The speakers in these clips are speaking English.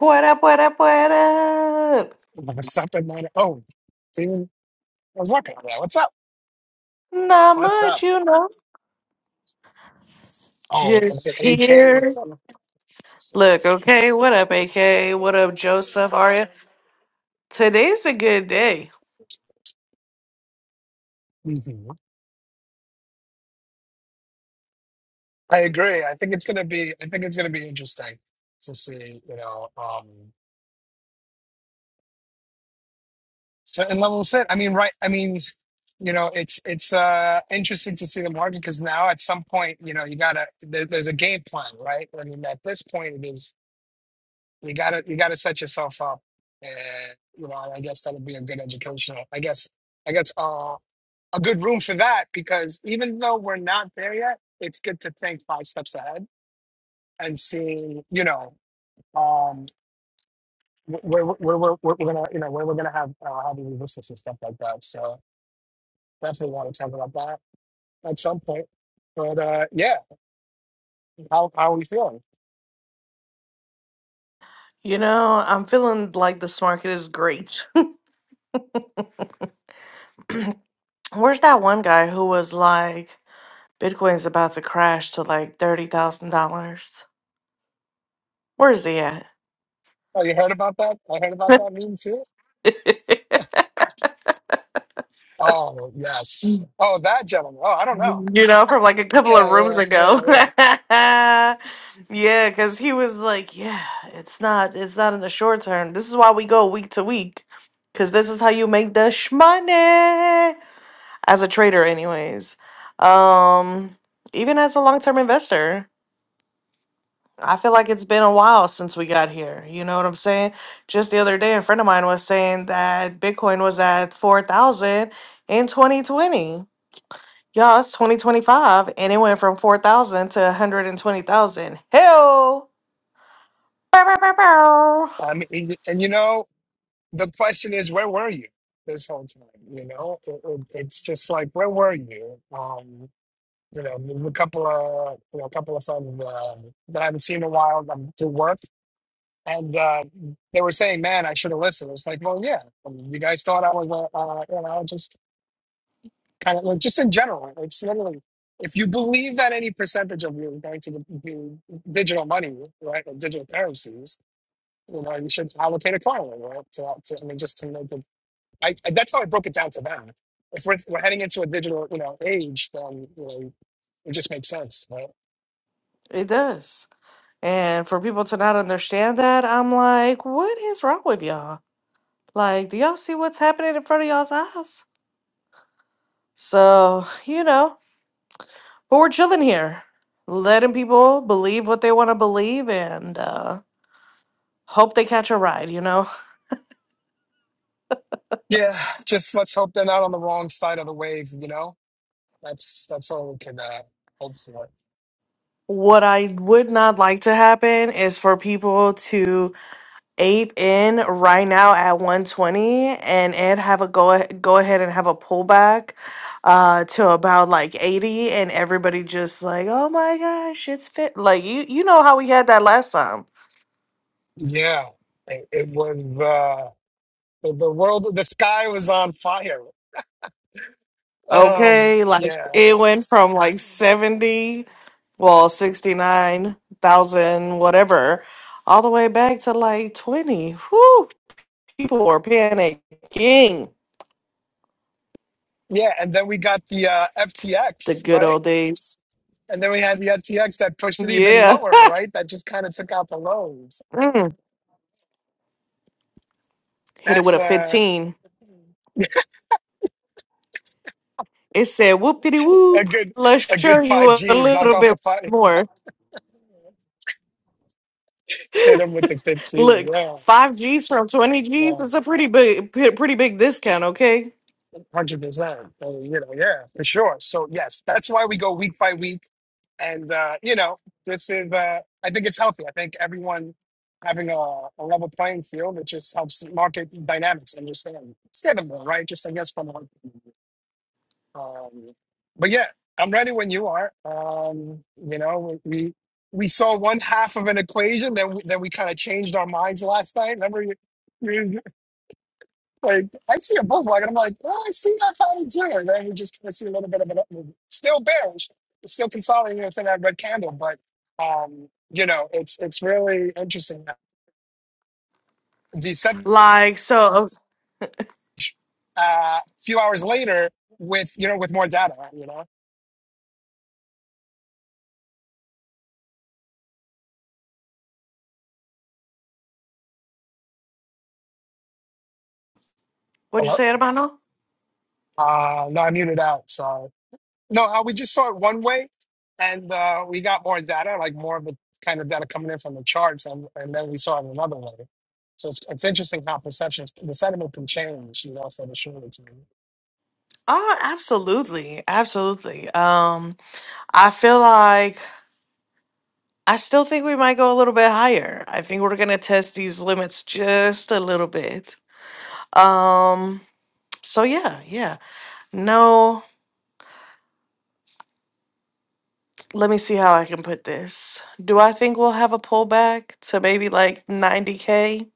What up, what up, what up? What's up, Atlanta? Oh, Steven, I was working on that. What's up? Not What's much, up? you know. Oh, and then Just AK, what's here. up? Look, okay, what up, AK? What up, Joseph, Aria? Today's a good day. hmm I agree. I think it's gonna be. I think it's gonna be interesting to see. You know, um, certain levels set. I mean, right. I mean, you know, it's it's uh interesting to see the market because now at some point, you know, you gotta. There, there's a game plan, right? I mean, at this point, it is. you gotta you gotta set yourself up and you know i guess that'll be a good educational i guess i guess uh, a good room for that because even though we're not there yet it's good to think five steps ahead and seeing you know um wh- where where, where, we're gonna you know where we're gonna have uh, having resistance and stuff like that so definitely want to talk about that at some point but uh yeah how how are we feeling You know, I'm feeling like this market is great. Where's that one guy who was like, Bitcoin's about to crash to like $30,000? Where is he at? oh you heard about that i heard about that meeting too oh yes oh that gentleman oh i don't know you know, from like a couple of Yeah, rooms yeah, ago. yeah, yeah. yeah, because he was like, "Yeah, it's not, it's not in the short term. This is why we go week to week, because this is how you make the shmoney as a trader, anyways. Um, even as a long term investor." I feel like it's been a while since we got here. You know what I'm saying? Just the other day, a friend of mine was saying that Bitcoin was at 4,000 in 2020. Y'all, it's 2025 and it went from 4,000 to 120,000. Hell! Bow, bow, bow, bow. I mean, and, and, you know, the question is, where were you this whole time? You know, it, it, it's just like, where were you? Um, you know, there's a couple of, you know, a couple of friends uh, that I haven't seen in a while um, to work, and uh, they were saying, "Man, I should have listened." It's like, well, yeah, I mean, you guys thought I was, uh, uh, you know, just kind of, like, just in general. It's literally, if you believe that any percentage of you is going to be be digital money, right, or digital currencies you know, you should allocate accordingly, right? To, to, I mean, just to make the, I, I, that's how I broke it down to them. If we're, we're heading into a digital, you know, age, then, you know, it just makes sense, right? It does. And for people to not understand that, I'm like, what is wrong with y'all? Like, do y'all see what's happening in front of y'all's eyes? So, you know, but we're chilling here, letting people believe what they want to believe and uh, hope they catch a ride, you know? Yeah, just let's hope they're not on the wrong side of the wave, you know? That's, that's all we can uh, hope for. What I would not like to happen is for people to eight in right now at 120 and it have a go go ahead and have a pullback uh to about like 80 and everybody just like oh my gosh it's fit like you you know how we had that last time Yeah, it, it was, uh, the, the world, the sky was on fire. Um, okay like yeah. it went from like 70 well 69,000 whatever all the way back to like 20 whoo people were panicking Yeah, and then we got the uh, the FTX, good right? old days And then we had the FTX that pushed it even yeah lower, right? That just kind of took out the lows. Mm. hit it with That's a uh, 15 It said whoop diddy a whoop. good Let's a show good five you a Gs. Knock little off bit the five, more. hit them with the fifteen. Look, Yeah, five G's from twenty G's yeah, is a pretty big, p- pretty big discount. Okay, hundred percent. So, You know, yeah, for sure. So yes, that's why we go week by week, and uh, you know, this is. Uh, I think it's healthy. I think everyone having a, a level playing field it just helps market dynamics understand. Understandable, right? Just I guess from Um, but yeah, I'm ready when you are. Um, you know, we we we saw one half of an equation that we, that we kind of changed our minds last night. Remember, you, you like I see a bookmark and I'm like, oh, I see that pattern too. And then we just kind of see a little bit of an upmove. Still bearish, it's still consolidating within that red candle, but um, you know, it's it's really interesting. The like so. uh, a few hours later with you know with more data you know What'd you Hello? say, Hermano? uh no i muted out so no uh, we just saw it one way and uh we got more data like more of the kind of data coming in from the charts and, and then we saw it another way so it's, it's interesting how perceptions the sentiment can change you know for the shorter term Oh, absolutely, absolutely. Um, I feel like I still think we might go a little bit higher. I think we're gonna test these limits just a little bit. Um, so yeah, yeah. No. let me see how I can put this. Do I think we'll have a pullback to maybe like 90K?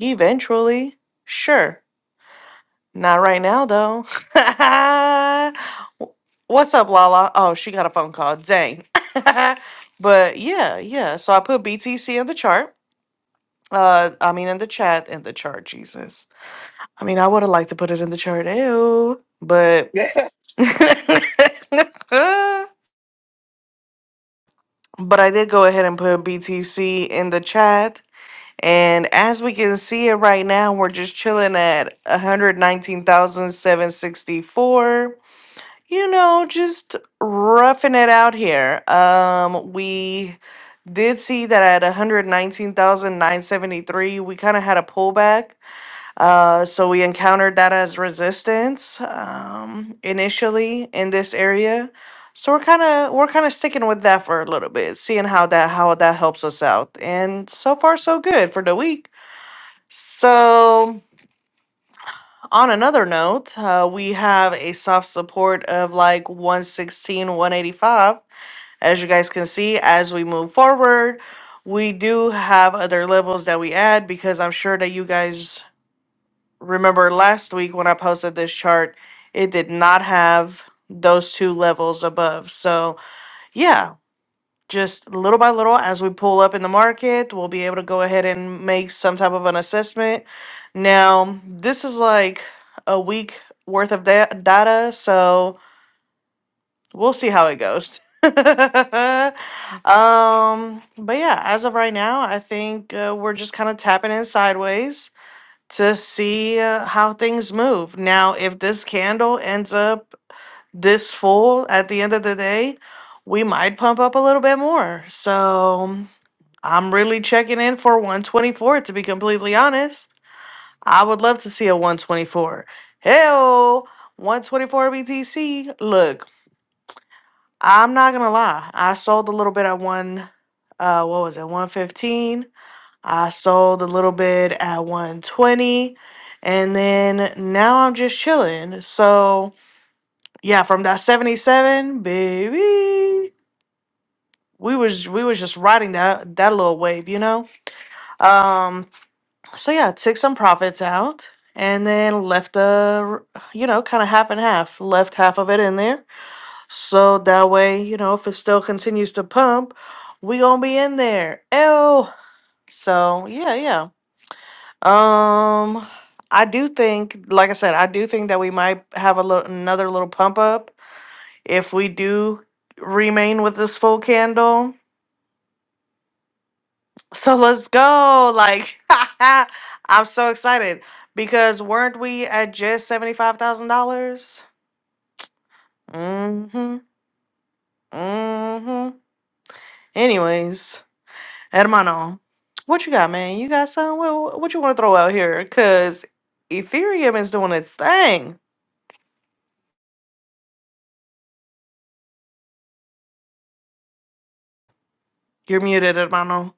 Eventually. Sure. Not right now, though. What's up, Lala? Oh, she got a phone call. Dang. but yeah, yeah. So I put BTC in the chart. Uh, I mean, in the chat, in the chart, Jesus. I mean, I would have liked to put it in the chart, ew. But. but I did go ahead and put BTC in the chat And as we can see it right now, we're just chilling at one hundred nineteen thousand seven sixty four. You know, just roughing it out here. Um, we did see that at one hundred nineteen thousand nine seventy three. we kind of had a pullback. Uh, so we encountered that as resistance um, initially in this area. So we're kind of we're kind of sticking with that for a little bit, seeing how that how that helps us out. And so far so good for the week. So, on another note, uh, we have a soft support of like one sixteen one eighty five. As you guys can see, as we move forward, we do have other levels that we add because I'm sure that you guys remember last week when I posted this chart, it did not have those two levels above. So, yeah, just little by little as we pull up in the market we'll be able to go ahead and make some type of an assessment now this is like a week worth of da- data so we'll see how it goes um but yeah as of right now i think uh, we're just kind of tapping in sideways to see uh, how things move now if this candle ends up this full at the end of the day we might pump up a little bit more. So I'm really checking in for 124, to be completely honest. I would love to see a 124. Hell, 124 BTC. Look, I'm not gonna lie. I sold a little bit at one, uh, what was it, 115. I sold a little bit at 120. And then now I'm just chilling. So yeah, from that 77, baby, we was we was just riding that that little wave, you know. Um, So yeah, took some profits out and then left the, r- you know, kind of half and half, left half of it in there. So that way, you know, if it still continues to pump, we gonna be in there. Ew. So yeah, yeah. Um, I do think, like I said, I do think that we might have a little another little pump up if we do remain with this full candle. So let's go. Like, I'm so excited because weren't we at just $75,000? Mm-hmm. Mm-hmm. Anyways, hermano, what you got, man? You got some? What, what you want to throw out here? Because Ethereum is doing its thing. You're muted, hermano.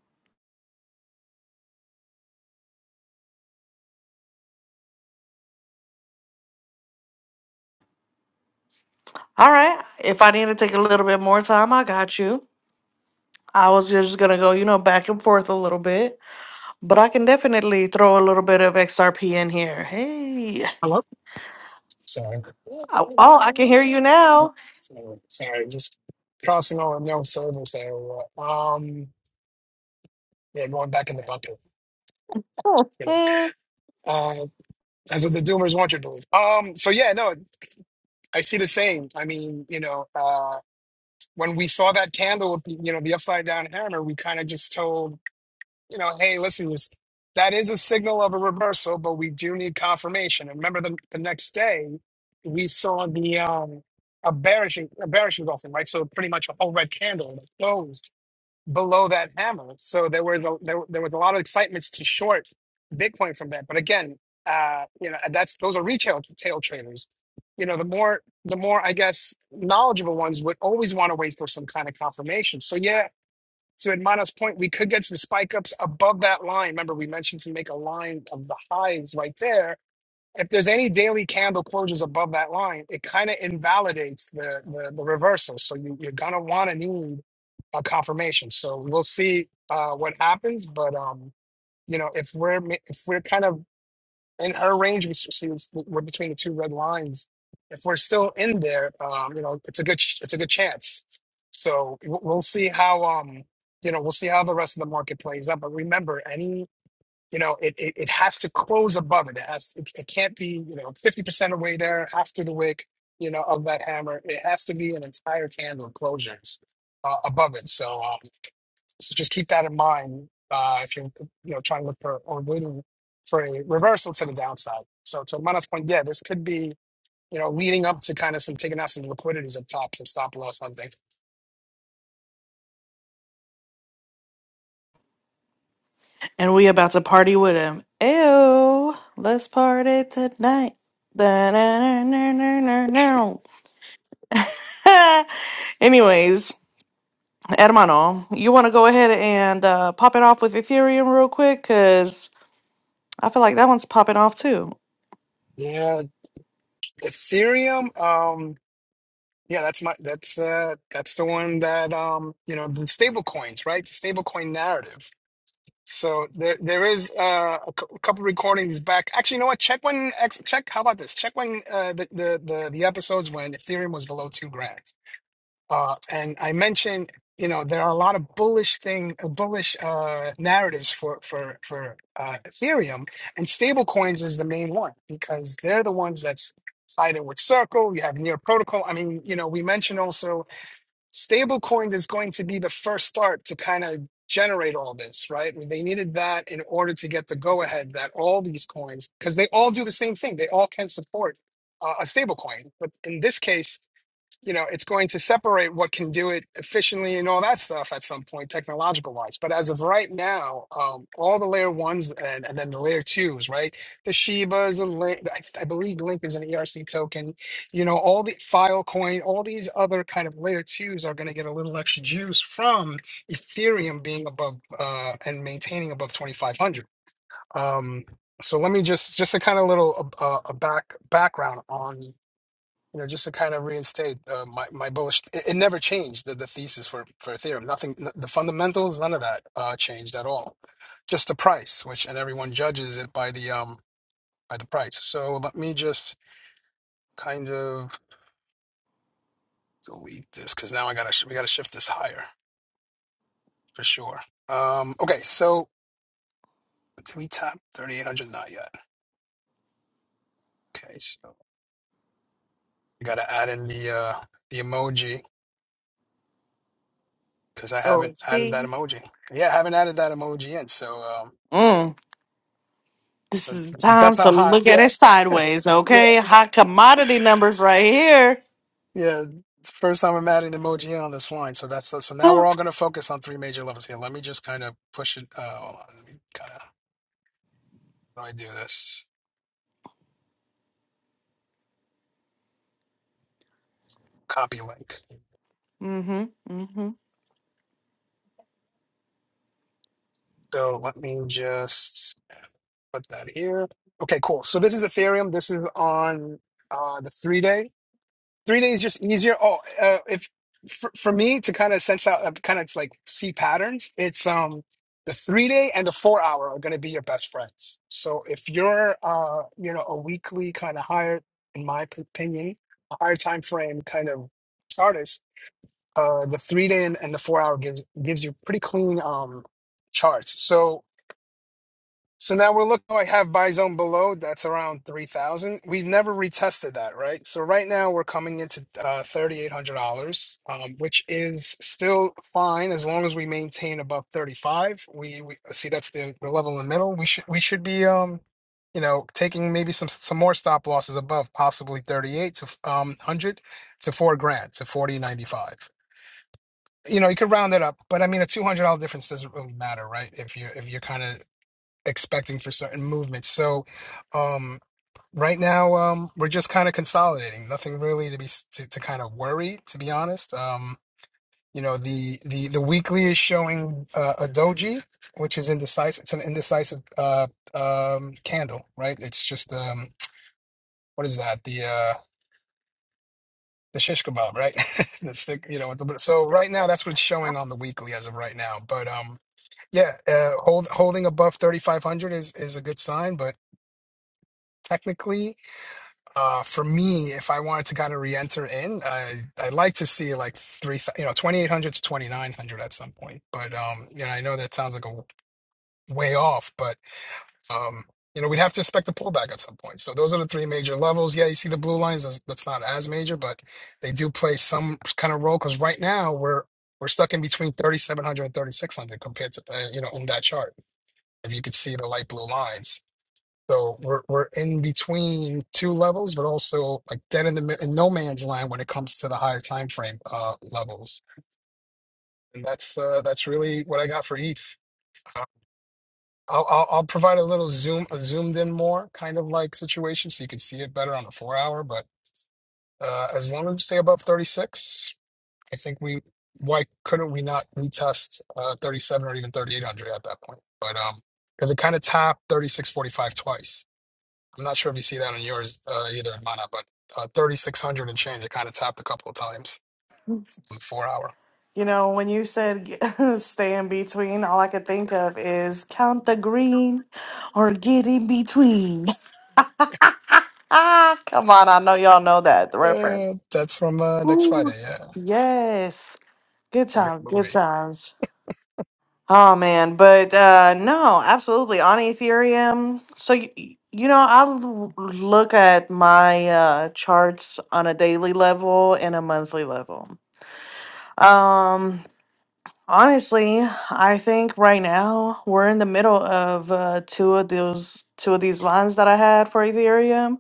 All right. If I need to take a little bit more time, I got you. I was just going to go, you know, back and forth a little bit. But I can definitely throw a little bit of XRP in here. Hey. Hello? Sorry. Oh, Oh, oh, I can hear you now. Sorry, sorry, just crossing over no service area. Um, yeah, going back in the bucket. It's gonna- Mhm. Uh, that's what the doomers want you to believe. Um, so yeah, no, I see the same. I mean, you know, uh, when we saw that candle with the, you know, the upside down hammer, we kind of just told you know, hey, listen, this, that is a signal of a reversal, but we do need confirmation. And remember, the, the next day, we saw the um, a bearish a bearish engulfing, right? So pretty much a whole red candle that closed below that hammer. So there were the there, there was a lot of excitements to short Bitcoin from that. But again, uh, you know, that's those are retail tail traders. You know, the more the more I guess knowledgeable ones would always want to wait for some kind of confirmation. So yeah, so at minus point, we could get some spike ups above that line. Remember, we mentioned to make a line of the highs right there. If there's any daily candle closures above that line, it kind of invalidates the, the the reversal. So you, you're gonna want to need a confirmation. So we'll see uh, what happens. But um, you know, if we're ma- if we're kind of in her range, we see it's- we're between the two red lines. If we're still in there, um, you know, it's a good sh- it's a good chance. So w- we'll see how um, you know, we'll see how the rest of the market plays out. But remember, any you know, it it, it has to close above it. It has it, it can't be you know fifty percent away there after the wick, you know, of that hammer. It has to be an entire candle closures uh, above it. So. um, so just keep that in mind uh, if you're you know trying to look for or waiting for a reversal to the downside. So to Mana's point, yeah, this could be you know leading up to kind of some taking out some liquidities up top, some stop loss, something. And we about to party with him. Ew, let's party tonight. Da, na, na, na, na, na, na. Ha! Anyways, Hermano, you want to go ahead and uh, pop it off with Ethereum real quick? Because I feel like that one's popping off too. Yeah, Ethereum. Um, yeah, that's my that's uh that's the one that um you know the stable coins, right? The stable coin narrative. So there there is uh, a cou- couple recordings back. Actually, you know what? Check when ex- check. How about this? Check when uh, the, the the the episodes when Ethereum was below two grand Uh, and I mentioned, you know, there are a lot of bullish thing, uh, bullish uh, narratives for for for uh, Ethereum, and stablecoins is the main one because they're the ones that's tied in with Circle. You have Near Protocol. I mean, you know, we mentioned also stablecoin is going to be the first start to kind of generate all this, right? They needed that in order to get the go ahead that all these coins, because they all do the same thing. They all can support uh, a stablecoin, but in this case you know it's going to separate what can do it efficiently and all that stuff at some point technological wise but as of right now um all the layer ones and, and then the layer twos right the shibas the link I, I believe link is an erc token you know all the filecoin all these other kind of layer twos are going to get a little extra juice from ethereum being above uh and maintaining above 2500 um so let me just just a kind of little uh, uh, a back background on you know, just to kind of reinstate uh, my my bullish. It, it never changed the, the thesis for for Ethereum. Nothing, n- the fundamentals, none of that uh, changed at all. Just the price, which and everyone judges it by the um by the price. So let me just kind of delete this because now I gotta sh- we gotta shift this higher for sure. Um, okay, so did we tap thirty eight hundred? Not yet. Okay, so we gotta add in the uh the emoji because I Oh, haven't added that see? emoji. Yeah, I haven't added that emoji in. So. Um, Mm, this But is the time That's how to hot. look at Yeah, it sideways, yeah, okay? Hot commodity numbers right here. yeah. It's the First time I'm adding emoji on this line. So that's so now we're all going to focus on three major levels here. Let me just kind of push it. Uh, hold on. Let me kind of how do I do this? Copy link. mm-hmm, mm-hmm. So let me just put that here. Okay, cool. So this is Ethereum. This is on uh, the three day. three days just easier. Oh, uh, if for, for me to kind of sense out, uh, kind of like see patterns, it's um the three day and the four hour are going to be your best friends. So if you're uh you know a weekly kind of higher, in my p- opinion, a higher time frame kind of artist, uh the three day and, and the four hour gives gives you pretty clean um charts. So so now we're looking. oh, I have buy zone below. That's around three thousand. We've never retested that, right? So right now we're coming into uh, thirty eight hundred dollars, um, which is still fine as long as we maintain above thirty five. We, we see that's the, the level in the middle. We should we should be um, you know, taking maybe some some more stop losses above possibly thirty eight to um hundred to four grand to forty ninety five. You know, you could round it up, but I mean, a two hundred dollar difference doesn't really matter, right? If you if you're kind of expecting for certain movements. So um, right now um, we're just kind of consolidating. Nothing really to be s- to, to kind of worry, to be honest. Um, you know the the the weekly is showing uh, a doji, which is indecisive. It's an indecisive uh, um, candle, right? It's just um, what is that? The uh, the shish kebab, right? the stick, you know. with the- So right now, that's what's showing on the weekly as of right now. But um, yeah, uh, hold, holding above thirty five hundred is is a good sign, but technically Uh, for me, if I wanted to kind of re-enter in, I I'd like to see like three, thou- you know, 2800 to 2900 at some point. But um, you know, I know that sounds like a way off, but um, you know, we'd have to expect a pullback at some point. So those are the three major levels. Yeah, you see the blue lines. That's, that's not as major, but they do play some kind of role because right now we're we're stuck in between thirty seven hundred and thirty six hundred compared to uh, you know in that chart. If you could see the light blue lines so we're we're in between two levels, but also like dead in the mid- in no man's land when it comes to the higher time frame uh, levels. And that's uh, that's really what I got for ETH. Uh, I'll, I'll I'll provide a little zoom a zoomed in more kind of like situation so you can see it better on the four hour. But uh, as long as we stay above thirty six, I think we why couldn't we not retest uh, thirty seven or even thirty eight hundred at that point? But um, because it kind of tapped thirty six forty five twice. I'm not sure if you see that on yours uh, either, Mana, but uh, 3,600 and change. It kind of tapped a couple of times. in Four hour. You know, when you said stay in between, all I could think of is count the green or get in between. Ah, come on. I know y'all know that the Uh, reference. that's from uh, next Ooh, Friday. Yeah, yes. Good it's a great times. Good movie. times. Oh, man. But uh, no, absolutely. On Ethereum. So, you, you know, I l- look at my uh, charts on a daily level and a monthly level. Um, Honestly, I think right now we're in the middle of uh, two of those two of these lines that I had for Ethereum,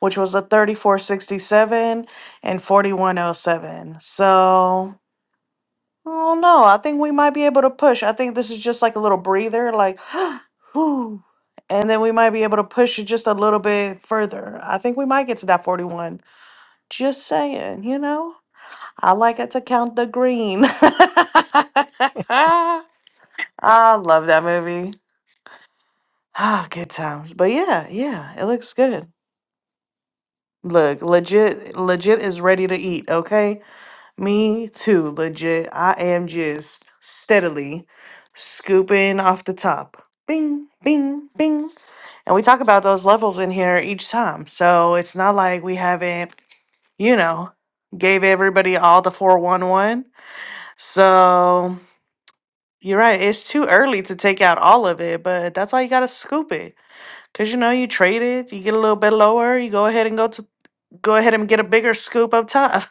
which was a 3467 and 4107. So, I don't know. I think we might be able to push. I think this is just like a little breather, like, whew, and then we might be able to push it just a little bit further. I think we might get to that 41. Just saying, you know? I like it to count the green. I love that movie. Ah, good times. But yeah, yeah, it looks good. Look, legit, legit is ready to eat. Okay, me too. Legit, I am just steadily scooping off the top. Bing, bing, bing. And we talk about those levels in here each time, so it's not like we haven't, you know, gave everybody all the four one one. So you're right. It's too early to take out all of it, but that's why you gotta scoop it Cause you know you trade it, you get a little bit lower, you go ahead and go to go ahead and get a bigger scoop up top.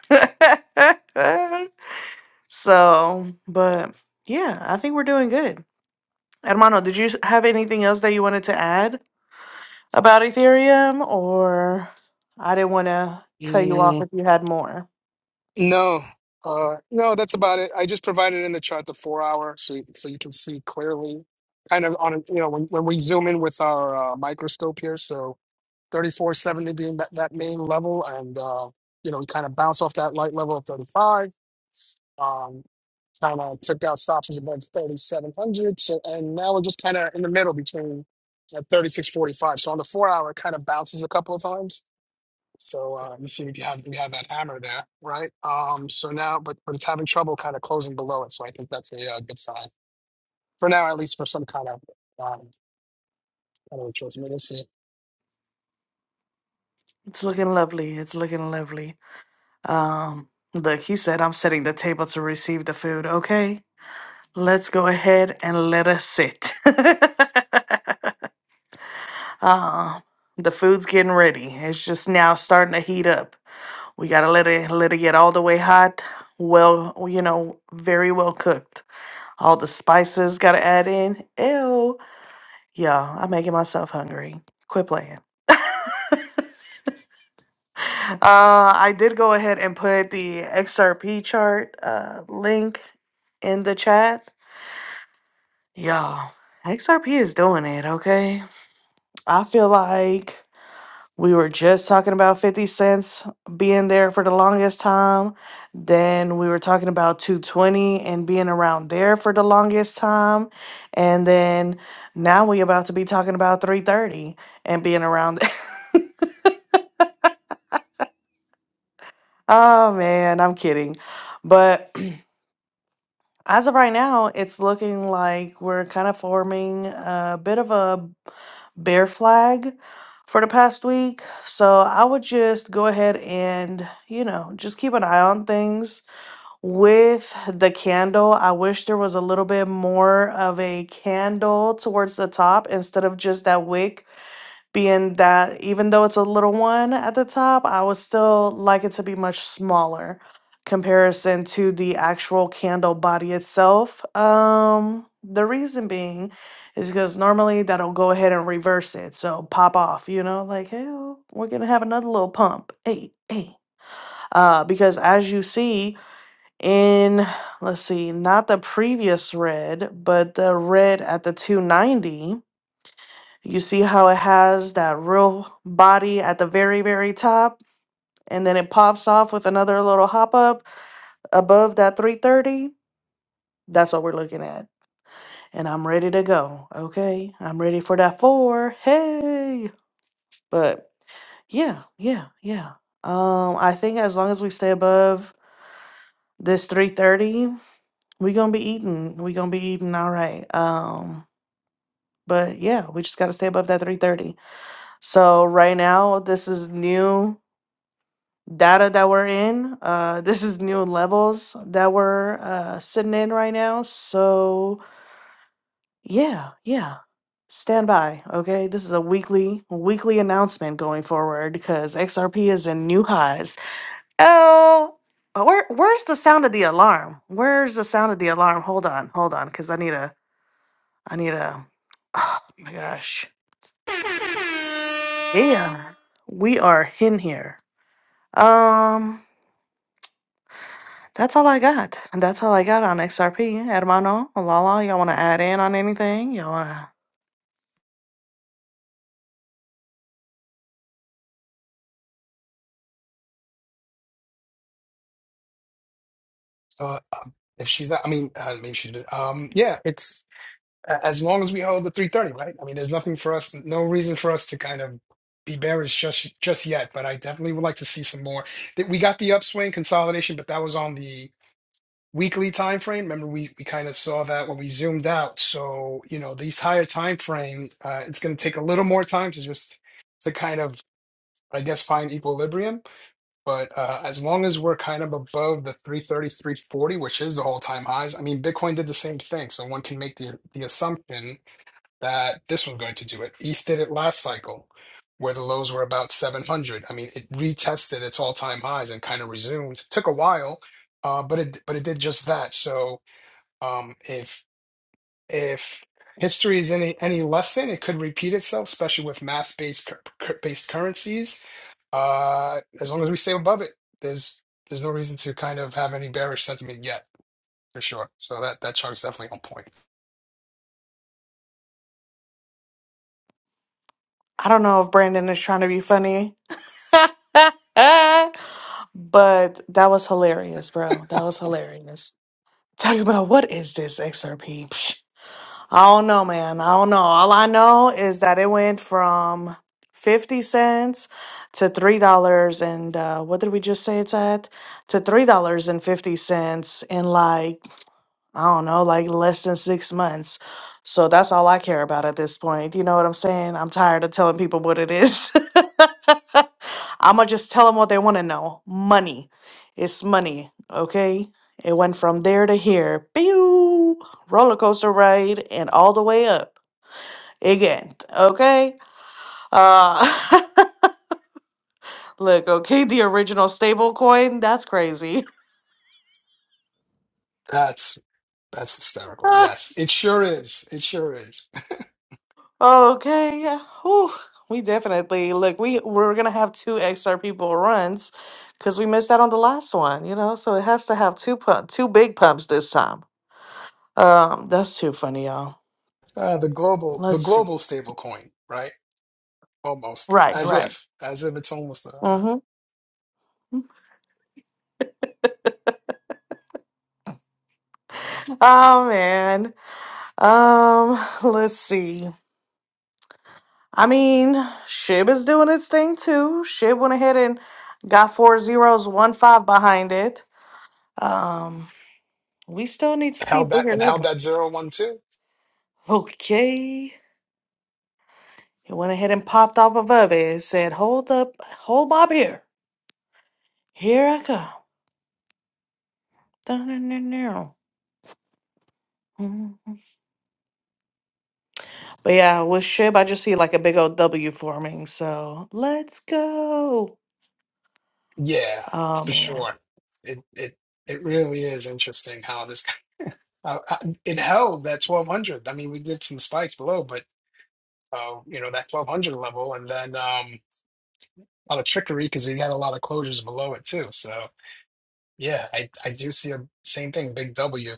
so, but yeah, I think we're doing good. Hermano, did you s- have anything else that you wanted to add about Ethereum, or I didn't want to cut you off Mm, if you had more? no, uh, no, that's about it. I just provided in the chart the four hour, so you- so you can see clearly, kind of on a, you know when when we zoom in with our uh, microscope here. So 3470 being that, that main level, and uh, you know we kind of bounce off that light level of 35. Um, kind of took out stops as above 3,700. So, and now we're just kind of in the middle between at 36.45. So on the four hour, it kind of bounces a couple of times. So uh, you see, we have we have that hammer there, right? Um, so now, but but it's having trouble kind of closing below it. So I think that's a uh, good sign for now, at least for some kind of um, kind of choice. I mean, we'll see. It's looking lovely. It's looking lovely. Um, look, he said I'm setting the table to receive the food. Okay, let's go ahead and let us sit. Uh, the food's getting ready. It's just now starting to heat up. We gotta let it let it get all the way hot. Well, you know, very well cooked. All the spices gotta add in. Ew. Yeah, I'm making myself hungry. Quit playing. Uh, I did go ahead and put the XRP chart uh, link in the chat. Y'all, XRP is doing it, okay? I feel like We were just talking about 50 cents being there for the longest time. Then we were talking about 220 and being around there for the longest time. And then now we about to be talking about 330 and being around. oh man, I'm kidding. But as of right now, it's looking like we're kind of forming a bit of a bear flag for the past week. So I would just go ahead and, you know, just keep an eye on things With the candle, I wish there was a little bit more of a candle towards the top instead of just that wick being that, even though it's a little one at the top, I would still like it to be much smaller comparison to the actual candle body itself. Um, the reason being is because normally that'll go ahead and reverse it. So pop off, you know, like, hey, we're gonna have another little pump. Hey, hey. Uh, because as you see, in let's see, not the previous red, but the red at the 290, you see how it has that real body at the very, very top, and then it pops off with another little hop up above that 330. That's what we're looking at. And I'm ready to go. Okay. I'm ready for that four. Hey. But yeah, yeah, yeah. Um, I think as long as we stay above this 330, we gonna be eating. we gonna be eating all right. Um. But yeah, we just got to stay above that 330. So right now, this is new data that we're in. Uh, this is new levels that we're uh, sitting in right now. So yeah, yeah. Stand by, okay? This is a weekly weekly announcement going forward because XRP is in new highs. Oh, uh, where where's the sound of the alarm? Where's the sound of the alarm? Hold on, hold on, because I need a I need a. Oh my gosh. Yeah, we are in here. Um, that's all I got. That's all I got on XRP. Hermano, Lala, y'all want to add in on anything? Y'all want to? So uh, if she's not, I mean, uh, maybe she does. Um, yeah, it's. a- as long as we hold the 330, right? I mean, there's nothing for us, no reason for us to kind of be bearish just just yet. But I definitely would like to see some more. That we got the upswing consolidation, but that was on the weekly time frame. Remember, we we kind of saw that when we zoomed out. So you know, these higher time frames, uh, it's going to take a little more time to just to kind of, I guess, find equilibrium. But uh, as long as we're kind of above the 330, 340, which is the all-time highs, I mean, Bitcoin did the same thing. So one can make the the assumption that this was going to do it. ETH did it last cycle, where the lows were about 700. I mean, it retested its all-time highs and kind of resumed. Took a while, uh, but it but it did just that. So um, if if history is any any lesson, it could repeat itself, especially with math-based cur- cur- based currencies. Uh, as long as we stay above it, there's there's no reason to kind of have any bearish sentiment yet, for sure. So that that chart is definitely on point. I don't know if Brandon is trying to be funny, but that was hilarious, bro. That was hilarious. Talk about what is this XRP? I don't know, man. I don't know. All I know is that it went from 50 cents to $3 and uh, what did we just say it's at? To $3.50 in like, I don't know, like less than six months. So that's all I care about at this point. You know what I'm saying? I'm tired of telling people what it is. I'ma just tell them what they want to know. Money. It's money. Okay. It went from there to here. Pew! Roller coaster ride and all the way up again. Okay. Uh look, okay, the original stable coin. That's crazy. That's. That's hysterical. Yes, it sure is. It sure is. okay. Whew. We definitely look, we we're gonna have two XR people runs because we missed out on the last one, you know? So it has to have two pump two big pumps this time. Um, that's too funny, y'all. Uh, the global, the Let's see. global stable coin, right? Almost Right, as right. if, as if it's almost uh, hmm Oh man. Um, let's see. I mean, Shib is doing its thing too. Shib went ahead and got four zeros, one five behind it. Um, we still need to see held that bigger and held level. that zero one two. Okay. He went ahead and popped off above it. It said, Hold up, hold my beer. Here I come. Dun-dun-dun-dun. Mhm. But yeah, with Shib, I just see like a big old W forming. So let's go. Yeah, Oh for man. sure. It it it really is interesting how this uh, uh, it held that twelve hundred. I mean, we did some spikes below, but uh, you know that twelve hundred level, and then um, a lot of trickery because we had a lot of closures below it too. So yeah, I I do see a same thing, big W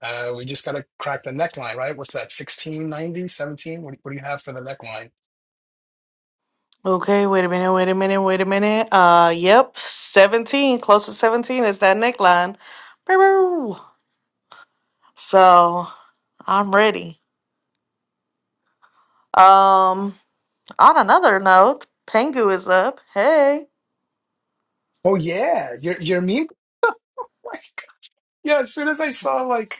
Uh, we just got to crack the neckline, right? What's that, 1690, 17? What, do- what do you have for the neckline? Okay, wait a minute, wait a minute, wait a minute. Uh, yep, 17, close to 17 is that neckline. Boo-boo. So, I'm ready. Um, on another note, Pengu is up. Hey. Oh, yeah. You're, you're mute? Like, Yeah, as soon as I saw like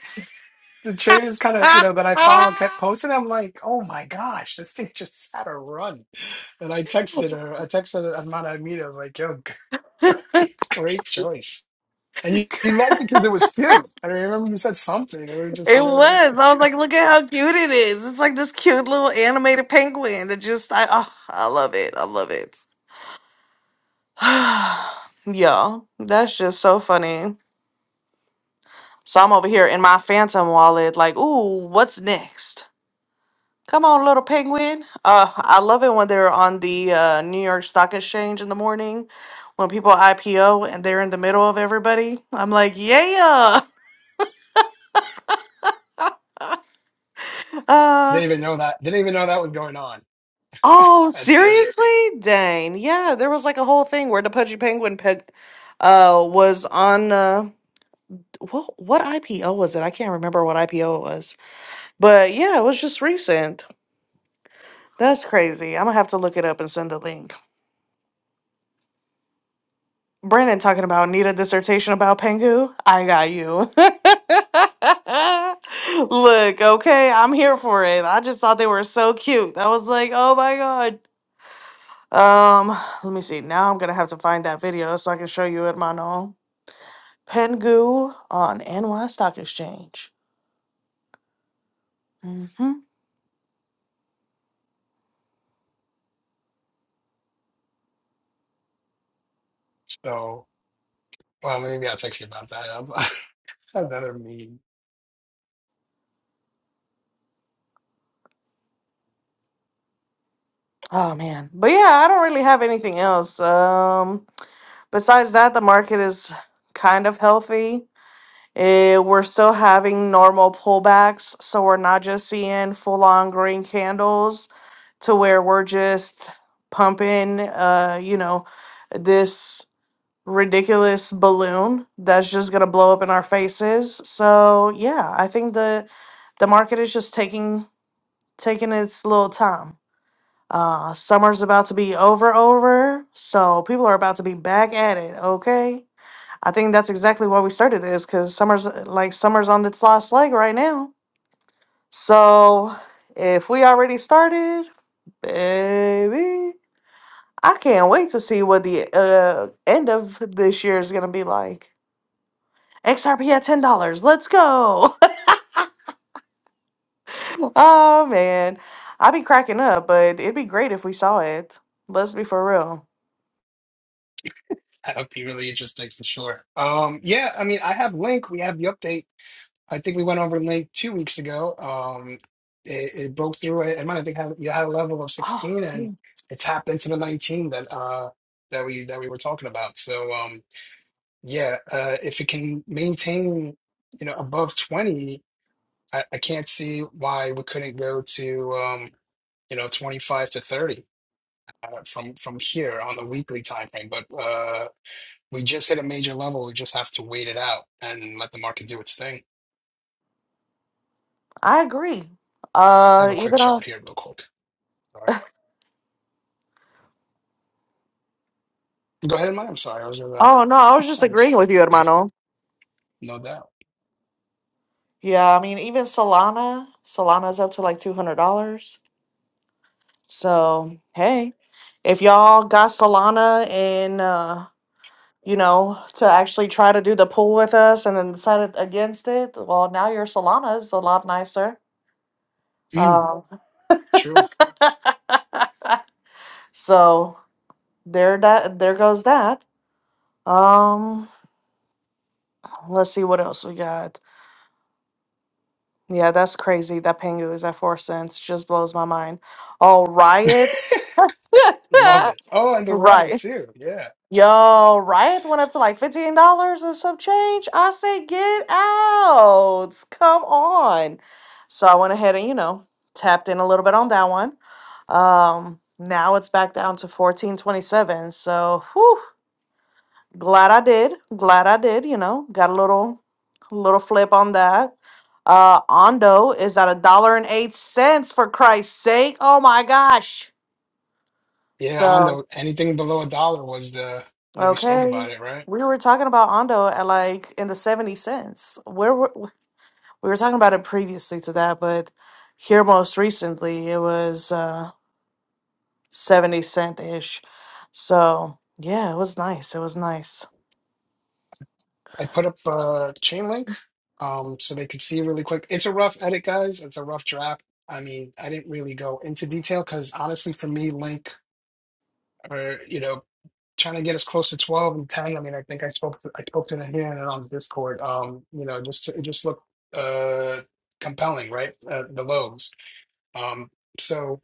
the traders kind of, you it know, that I follow kept posting, I'm like, oh my gosh, this thing just had a run. And I texted her, I texted Amanda Amita, I was like, yo, great choice. And you, you liked it because it was cute. I remember you said something. It was was. just, you know, it was just, I was like, look at how cute it is. It's like this cute little animated penguin that just, I, oh, I love it. I love it. Y'all, that's just so funny. So I'm over here in my phantom wallet, like, ooh, what's next? Come on, little penguin. Uh, I love it when they're on the uh, New York Stock Exchange in the morning when people IPO and they're in the middle of everybody. I'm like, yeah. Uh, didn't even know that, didn't even know that was going on. oh, That's great. seriously? Dang. Yeah, there was like a whole thing where the Pudgy Penguin peg, uh, was on. Uh, what, what IPO was it? I can't remember what IPO it was. But yeah, it was just recent. That's crazy. I'm going to have to look it up and send a link. Brandon talking about need a dissertation about Pengu. I got you. Look, okay, I'm here for it. I just thought they were so cute. I was like, oh my god. Um, let me see. Now I'm gonna have to find that video so I can show you it, Mano. Pengu on NY Stock Exchange. hmm So. Well, maybe I'll text you about that. I'm, another meme. Oh man, but yeah, I don't really have anything else. Um, besides that, the market is kind of healthy. Eh, we're still having normal pullbacks, so we're not just seeing full on green candles to where we're just pumping, uh, you know, this ridiculous balloon that's just gonna blow up in our faces. So yeah, I think the the market is just taking taking its little time. Uh, summer's about to be over, over, so people are about to be back at it. Okay. I think that's exactly why we started this because summer's uh, like summer's on its last leg right now. So if we already started, baby, I can't wait to see what the uh, end of this year is gonna be like. XRP at ten dollars. Let's go. oh man, I'd be cracking up, but it'd be great if we saw it. Let's be for real. That would be really interesting for sure. Um, yeah, I mean, I have Link. We have the update. I think we went over Link two weeks ago. Um, it, it broke through it. I might I think had, you had a level of Oh, 16, and dude, it tapped into the 19 that uh that we that we were talking about. So um, yeah, uh, if it can maintain, you know, above 20. I, I can't see why we couldn't go to um, you know 25 to 30 uh, from from here on the weekly time frame. But uh, we just hit a major level. We just have to wait it out and let the market do its thing. I agree. I have Uh, a quick even on. chart here, real quick. All right, go ahead, Mike. I'm sorry, I was uh, Oh no, I was just I agreeing just with you, faced hermano. no doubt. Yeah, I mean, even Solana, Solana's up to like $200. So, hey, if y'all got Solana and, uh, you know, to actually try to do the pool with us and then decided against it, well, now your Solana is a lot nicer. Mm, Um, true, so there that there goes that. Um, let's see what else we got. Yeah, that's crazy. That Pengu is at four cents. Just blows my mind. Oh, riots. love it. Oh, and the riot Right. too. Yeah, Yo, Riot went up to like $15 and some change. I said, get out. Come on. So I went ahead and, you know, tapped in a little bit on that one. Um, now it's back down to 1427. So whew, glad I did. Glad I did, you know, got a little little flip on that. Uh Ondo is at a dollar and eight cents for Christ's sake. Oh my gosh. yeah. On So the anything below a dollar was the we spoke Okay. about it, right? We were talking about Ondo at like in the 70 cents. Where were, we were talking about it previously to that, but here most recently it was uh 70 cent ish. So, yeah, it was nice. It was nice. I put up a chain link um, so they could see really quick. It's a rough edit, guys. It's a rough draft. I mean, I didn't really go into detail because honestly, for me, link or you know, trying to get as close to twelve and ten. I mean, I think I spoke to I spoke to Nahir and on Discord. Um, you know, just it just looked uh compelling, right? Uh, the lows. Um, so.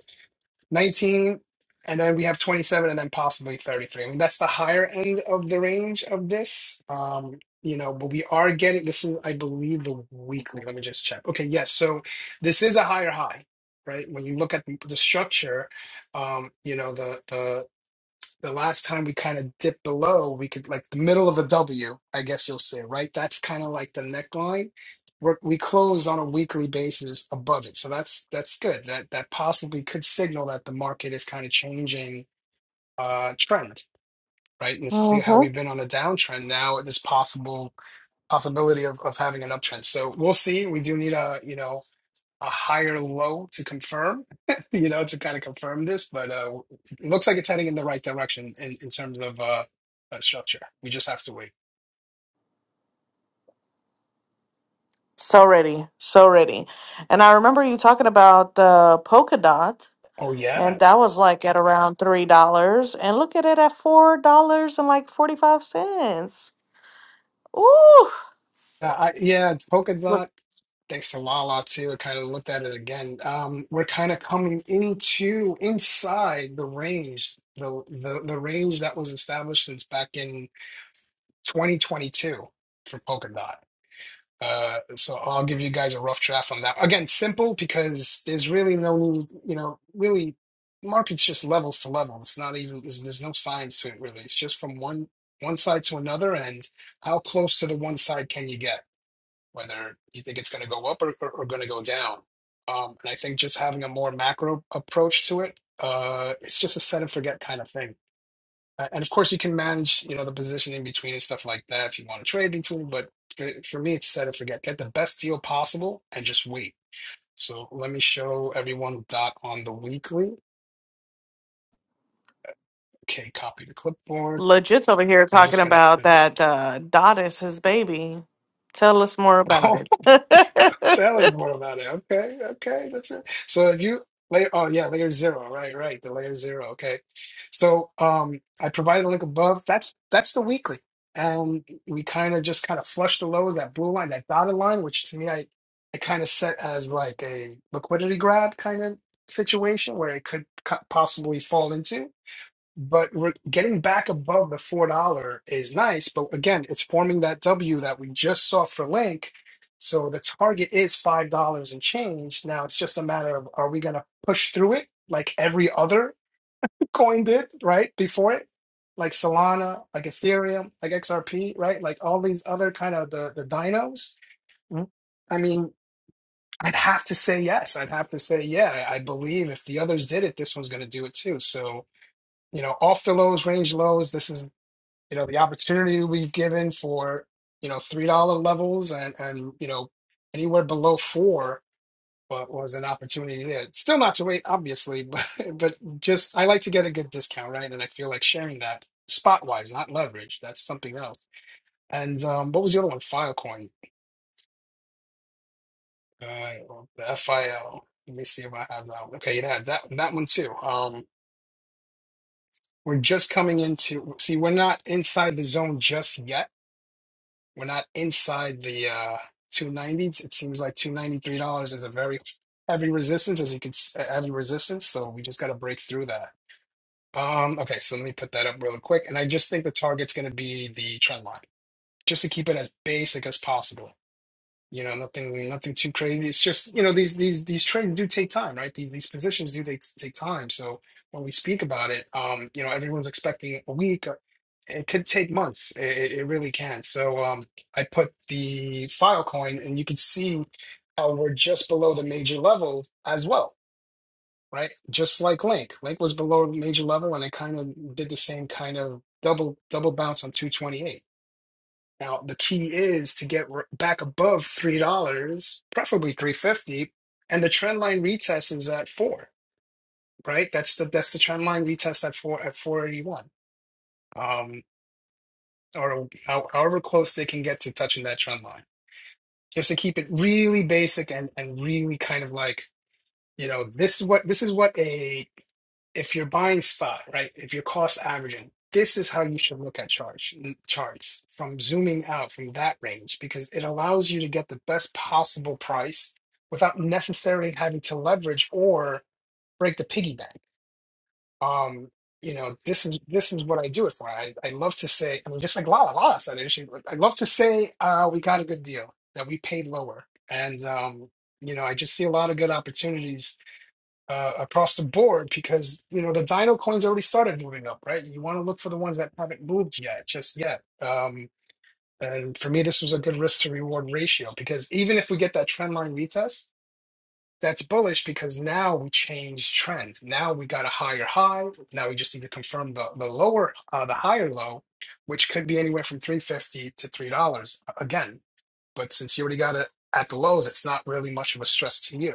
19, and then we have 27, and then possibly 33. I mean, that's the higher end of the range of this. Um, you know, but we are getting this is, I believe, the weekly. Let me just check. Okay, yes. So this is a higher high, right? When you look at the structure, um, you know, the the the last time we kind of dipped below, we could like the middle of a W, I guess you'll say, right? That's kind of like the neckline. We're, we close on a weekly basis above it, so that's that's good. That that possibly could signal that the market is kind of changing uh, trend, right? And see how Mm-hmm. we've been on a downtrend now. There's possible possibility of, of having an uptrend. So we'll see. We do need a you know a higher low to confirm, you know, to kind of confirm this, but uh, it looks like it's heading in the right direction in, in terms of uh, uh, structure. We just have to wait. So ready. So ready. And I remember you talking about the polka dot, Oh, and yes. that was like at around $3. And look at it at $4 and like 45 cents. Ooh. Uh, I, yeah, it's Polkadot, thanks to Lala too, I kind of looked at it again. Um, we're kind of coming into inside the range, the, the the range that was established since back in 2022 for Polkadot. Uh, so I'll give you guys a rough draft on that. Again, simple because there's really no need, you know, really markets just levels to level. It's not even there's, there's no science to it really. It's just from one one side to another and how close to the one side can you get, whether you think it's going to go up or, or, or going to go down. Um, and I think just having a more macro approach to it, uh, it's just a set and forget kind of thing uh, And of course, you can manage, you know, the position in between and stuff like that if you want to trade between. But for, for me, it's set and forget. Get the best deal possible and just wait. So let me show everyone dot on the weekly. Okay, copy the clipboard. Legit's over here I'm talking just gonna about edit this. that uh, Dot is his baby. Tell us more about it. Tell us more about it. Okay, okay, that's it. So if you layer, oh yeah, layer zero, right, right, the layer zero. Okay, so um, I provided a link above. That's that's the weekly, and we kind of just kind of flush the lows, that blue line, that dotted line, which to me I I kind of set as like a liquidity grab kind of situation where it could co- possibly fall into. But we're getting back above the four dollar is nice, but again, it's forming that W that we just saw for Link. So the target is five dollars and change. Now it's just a matter of are we gonna push through it like every other coin did, right? Before it? Like Solana, like Ethereum, like XRP, right? Like all these other kind of the, the dinos. Mm. I mean, I'd have to say yes. I'd have to say, yeah, I I believe if the others did it, this one's gonna do it too. So you know, off the lows, range lows. This is, you know, the opportunity we've given for, you know, three dollar levels and and you know, anywhere below four wa- was an opportunity there. Still not to wait, obviously, but but just I like to get a good discount, right? And I feel like sharing that spot wise, not leverage. That's something else. And um, what was the other one? Filecoin, uh, or the FIL. Let me see if I have that. One. Okay, yeah, that that one too. Um, we're just coming into. See, we're not inside the zone just yet We're not inside the uh, 290s. It seems like $293 is a very heavy resistance, as you can s- a heavy resistance. So we just got to break through that. Um, okay, so let me put that up real quick. And I just think the target's going to be the trend line, just to keep it as basic as possible you know nothing nothing too crazy it's just you know these these these trades do take time right these, these positions do take take time so when we speak about it um you know everyone's expecting a week or it could take months it, it it really can so um i put the filecoin and you can see how we're just below the major level as well right just like link link was below the major level and it kind of did the same kind of double double bounce on 228 now the key is to get r- back above three dollars, preferably three fifty, and the trend line retest is at four, right? That's the that's the trend line retest at four at four eighty one, um, or how, however close they can get to touching that trend line. Just to keep it really basic and and really kind of like you know this is what this is what a if you're buying spot, right? If you're cost averaging, this is how you should look at charge charts from zooming out from that range because it allows you to get the best possible price without necessarily having to leverage or break the piggy bank. Um, you know, this is this is what I do it for. I, I love to say, I mean, just like Lala, Lala said, it, she- I love to say uh, we got a good deal that we paid lower, and um, you know, I just see a lot of good opportunities uh, across the board because you know the Dino coins already started moving up, right? You want to look for the ones that haven't moved yet, just yet. Um, and for me, this was a good risk to reward ratio because even if we get that trend line retest, that's bullish because now we change trend. Now we got a higher high. Now we just need to confirm the the lower uh, the higher low, which could be anywhere from three fifty to three dollars again. But since you already got it at the lows, it's not really much of a stress to you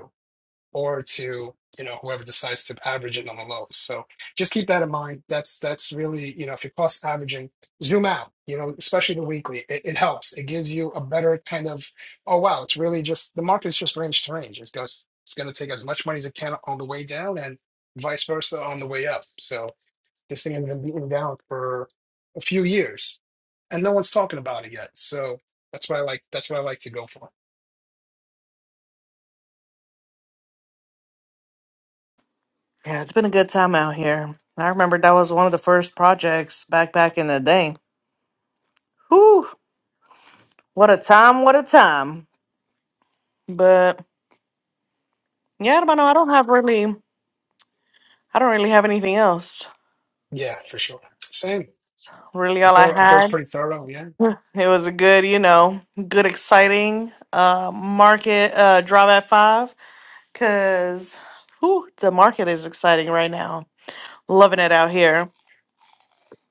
or to you know whoever decides to average it on the lows. So just keep that in mind. That's that's really you know if you're cost averaging, zoom out. You know, especially the weekly, it, it helps. It gives you a better kind of oh wow, it's really just the market's just range to range. It's goes it's going to take as much money as it can on the way down and vice versa on the way up. So this thing has been beaten down for a few years, and no one's talking about it yet. So that's what I like. That's what I like to go for. yeah, it's been a good time out here. I remember that was one of the first projects back back in the day. Whew, what a time, what a time. But yeah, I don't know. I don't have really, I don't really have anything else. Yeah, for sure. Same. Really, I all I thought I thought it was had, pretty thorough. Yeah. it was a good, you know, good, exciting uh, market uh, drop at five because whew, the market is exciting right now Loving it out here.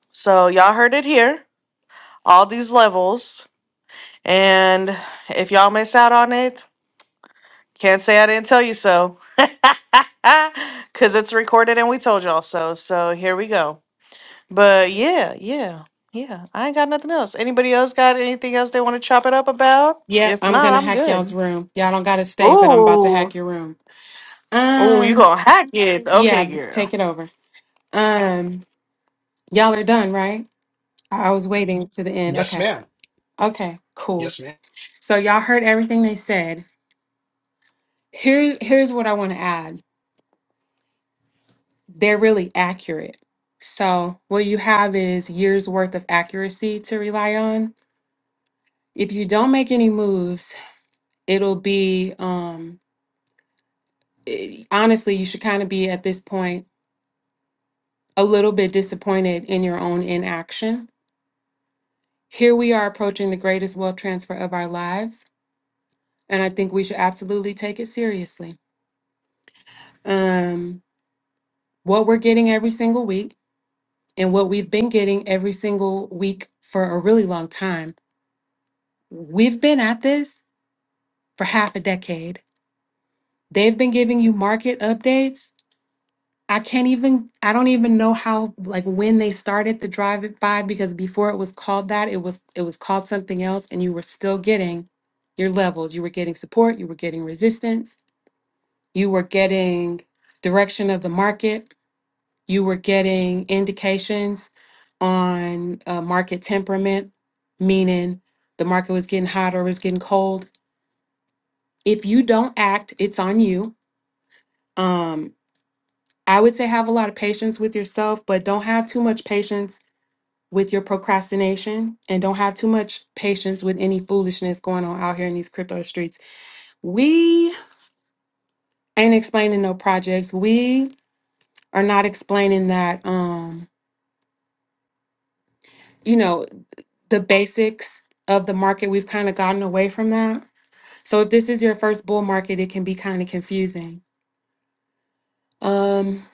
So y'all heard it here. All these levels. And if y'all miss out on it, can't say I didn't tell you so. Cause it's recorded and we told y'all so. So here we go. But yeah, yeah, yeah. I ain't got nothing else. Anybody else got anything else they want to chop it up about? Yep, If I'm not, gonna I'm hack y'all's good. room. Y'all don't gotta stay, but I'm about to Ooh. hack your room. Oh, you Um, gonna hack it. yeah, Okay, th- girl. take it over. Um, y'all are done, right? I I was waiting to the end. Yes, Okay, ma'am. okay, cool. Yes, ma'am. So y'all heard everything they said. Here's here's what I want to add. They're really accurate. So what you have is years worth of accuracy to rely on. If you don't make any moves, it'll be um. i- Honestly, you should kind of be at this point a little bit disappointed in your own inaction. Here we are approaching the greatest wealth transfer of our lives, and I think we should absolutely take it seriously. Um, what we're getting every single week and what we've been getting every single week for a really long time, we've been at this for half a decade. They've been giving you market updates I can't even, I don't even know how, like when they started the drive by because before it was called that, it was, it was called something else and you were still getting your levels. You were getting support, you were getting resistance, you were getting direction of the market, you were getting indications on uh, market temperament, meaning the market was getting hot or was getting cold. If you don't act, it's on you. Um, I would say have a lot of patience with yourself, but don't have too much patience with your procrastination and don't have too much patience with any foolishness going on out here in these crypto streets. We ain't explaining no projects. We are not explaining that um you know the basics of the market. We've kind of gotten away from that. So if this is your first bull market, it can be kind of confusing. Um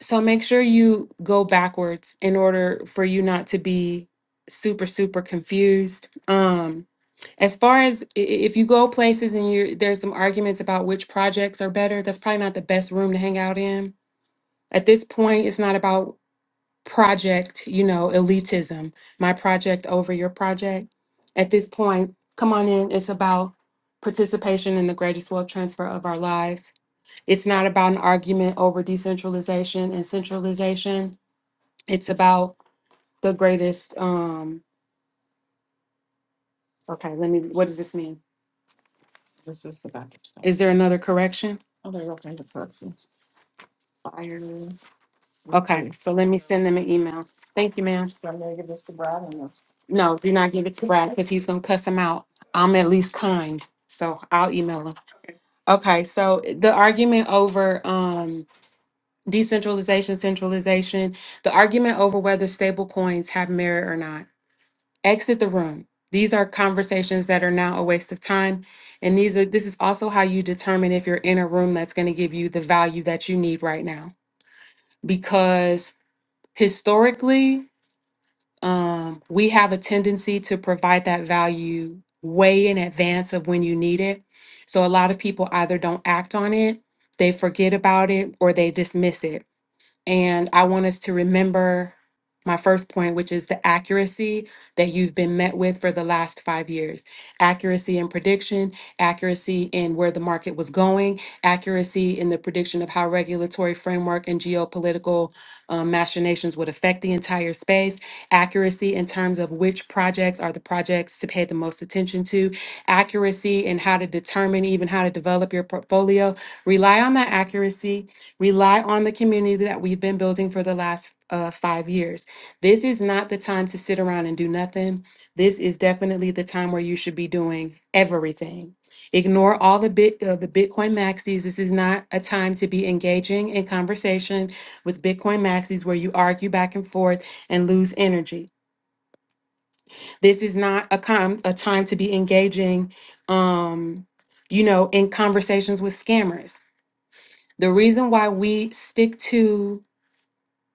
so make sure you go backwards in order for you not to be super super confused. Um As far as i- i- if you go places and you're there's some arguments about which projects are better, that's probably not the best room to hang out in. At this point, it's not about project, you know, elitism, my project over your project. At this point, come on in. It's about participation in the greatest wealth transfer of our lives. It's not about an argument over decentralization and centralization. It's about the greatest um is there another correction? Okay, so let me send them an email. Thank you, ma'am. No, do not give it to Brad because he's gonna cuss him out. I'm at least kind, so I'll email him. Okay, so the argument over um decentralization, centralization, the argument over whether stable coins have merit or not. Exit the room. These are conversations that are now a waste of time. And these are this is also how you determine if you're in a room that's gonna give you the value that you need right now. Because historically, Um, we have a tendency to provide that value way in advance of when you need it. So a lot of people either don't act on it, they forget about it, or they dismiss it. And I want us to remember my first point, which is the accuracy that you've been met with for the last five years accuracy in prediction, accuracy in where the market was going, accuracy in the prediction of how regulatory framework and geopolitical um, machinations would affect the entire space, accuracy in terms of which projects are the projects to pay the most attention to, accuracy in how to determine even how to develop your portfolio. Rely on that accuracy Rely on the community that we've been building for the last uh, five years. This is not the time to sit around and do nothing. This is definitely the time where you should be doing everything. Ignore all the bit uh, the Bitcoin maxis. This is not a time to be engaging in conversation with Bitcoin maxis where you argue back and forth and lose energy. This is not a com- a time to be engaging, um, you know, in conversations with scammers. The reason why we stick to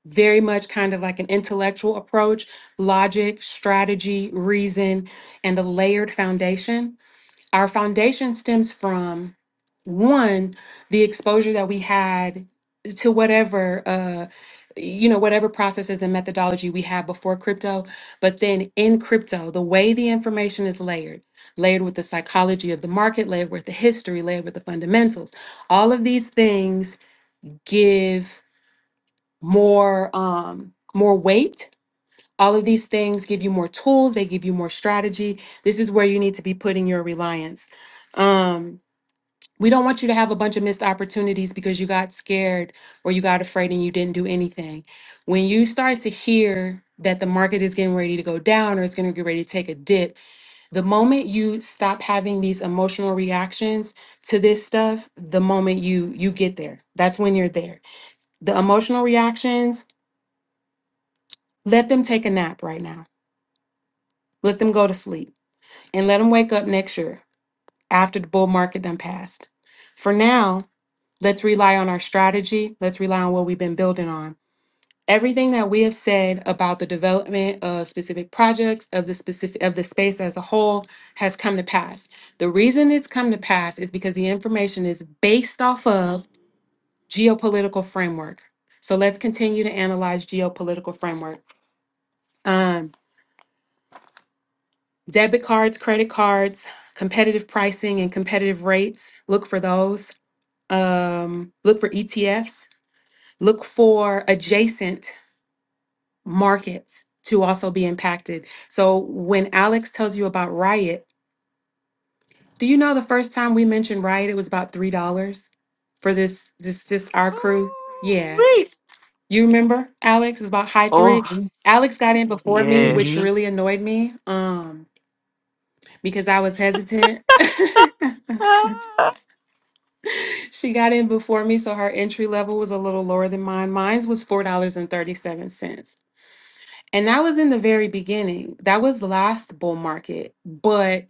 very much kind of like an intellectual approach, logic, strategy, reason, and a layered foundation. Our foundation stems from one, the exposure that we had to whatever uh you know whatever processes and methodology we had before crypto but then in crypto the way the information is layered layered with the psychology of the market layered with the history layered with the fundamentals all of these things give more um more weight all of these things give you more tools they give you more strategy this is where you need to be putting your reliance um we don't want you to have a bunch of missed opportunities because you got scared or you got afraid and you didn't do anything when you start to hear that the market is getting ready to go down or it's going to get ready to take a dip the moment you stop having these emotional reactions to this stuff the moment you you get there that's when you're there the emotional reactions Let them take a nap right now. Let them go to sleep and let them wake up next year after the bull market done passed. For now, let's rely on our strategy. Let's rely on what we've been building on. Everything that we have said about the development of specific projects of the specific of the space as a whole has come to pass. The reason it's come to pass is because the information is based off of geopolitical framework. So let's continue to analyze geopolitical framework. Um. Debit cards, credit cards, competitive pricing and competitive rates. Look for those. Um, look for ETFs. Look for adjacent markets to also be impacted. So when Alex tells you about Riot, do you know the first time we mentioned Riot, it was about three dollars for this this just our crew? Ooh, Yeah. wait. You remember Alex? It was about high three. Oh, Mhm. Alex got in before me, which hmm yes. really annoyed me. Um, because I was hesitant. She got in before me, so her entry level was a little lower than mine. Mine's was $4.37. And thirty-seven cents. And that was in the very beginning. That was last bull market. But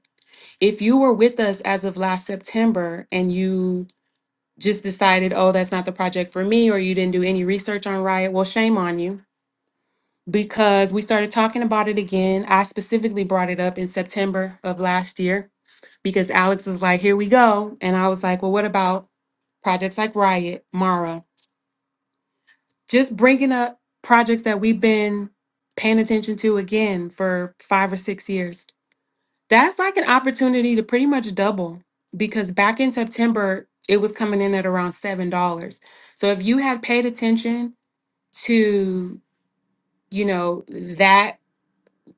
if you were with us as of last September and you just decided, oh, that's not the project for me, or you didn't do any research on Riot, well, shame on you. Because we started talking about it again. I specifically brought it up in September of last year because Alex was like, here we go. And I was like, well, what about projects like Riot, Mara? just bringing up projects that we've been paying attention to again for five or six years. That's like an opportunity to pretty much double because back in September, it was coming in at around $7. So if you had paid attention to, you know, that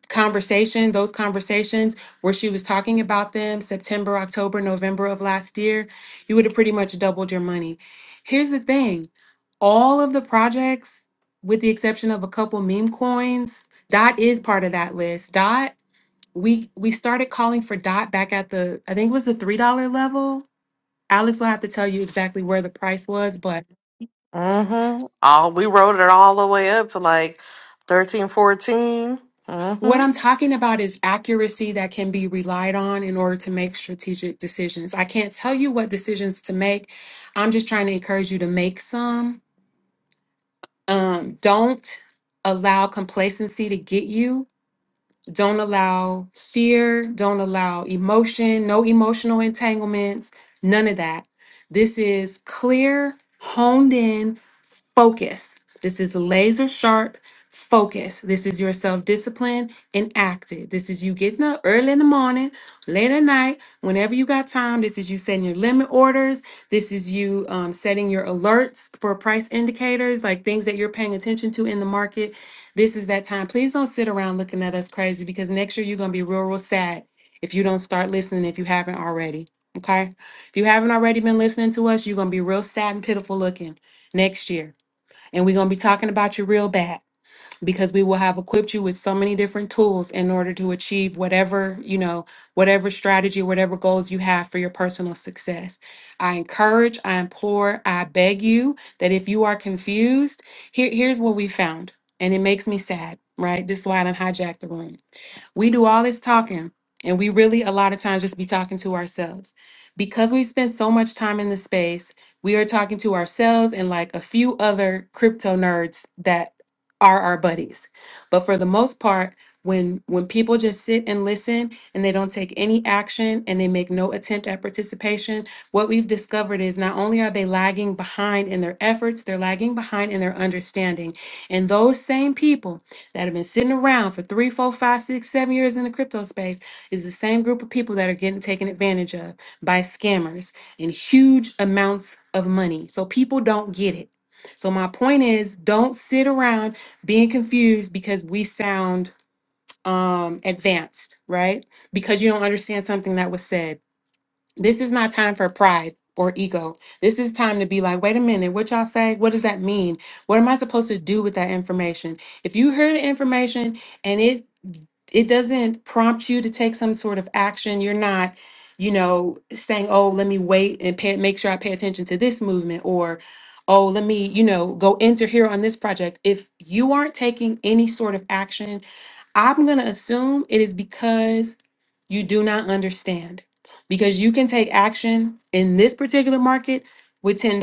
conversation, those conversations where she was talking about them September, October, November of last year, you would have pretty much doubled your money. Here's the thing all of the projects, with the exception of a couple meme coins, Dot is part of that list. Dot, we we started calling for Dot back at the I think it was the three dollar level. Alex will have to tell you exactly where the price was, but Mm-hmm. All we rode it all the way up to like thirteen, fourteen. 14. Mm-hmm. what I'm talking about is accuracy that can be relied on in order to make strategic decisions. I can't tell you what decisions to make. I'm just trying to encourage you to make some. Um, don't allow complacency to get you Don't allow fear. Don't allow emotion. No emotional entanglements. None of that. This is clear, honed in focus. This is laser sharp focus. This is your self discipline enacted. This is you getting up early in the morning, late at night, whenever you got time. This is you setting your limit orders. This is you um, setting your alerts for price indicators, like things that you're paying attention to in the market this is that time. Please don't sit around looking at us crazy because next year you're going to be real, real sad if you don't start listening if you haven't already. Okay? If you haven't already been listening to us, you're going to be real sad and pitiful looking next year. And we're going to be talking about you real bad because we will have equipped you with so many different tools in order to achieve whatever, you know, whatever strategy, whatever goals you have for your personal success. I encourage, I implore, I beg you that if you are confused, here, here's what we found. And it makes me sad, right? This is why I done hijacked the room we do all this talking, and we really, a lot of times, just be talking to ourselves. Because we spend so much time in the space, we are talking to ourselves and like a few other crypto nerds that are our buddies. But for the most part, when when people just sit and listen and they don't take any action and they make no attempt at participation, what we've discovered is not only are they lagging behind in their efforts, they're lagging behind in their understanding. And those same people that have been sitting around for three, four, five, six, seven years in the crypto space is the same group of people that are getting taken advantage of by scammers in huge amounts of money. So people don't get it. So my point is don't sit around being confused because we sound um advanced, right? Because you don't understand something that was said. This is not time for pride or ego. This is time to be like, wait a minute, what y'all say? What does that mean? What am I supposed to do with that information? If you heard the information and it it doesn't prompt you to take some sort of action, you're not, you know, saying, oh, let me wait and pay, make sure I pay attention to this movement or oh, let me, you know, go enter here on this project. If you aren't taking any sort of action, I'm going to assume it is because you do not understand because you can take action in this particular market with $10.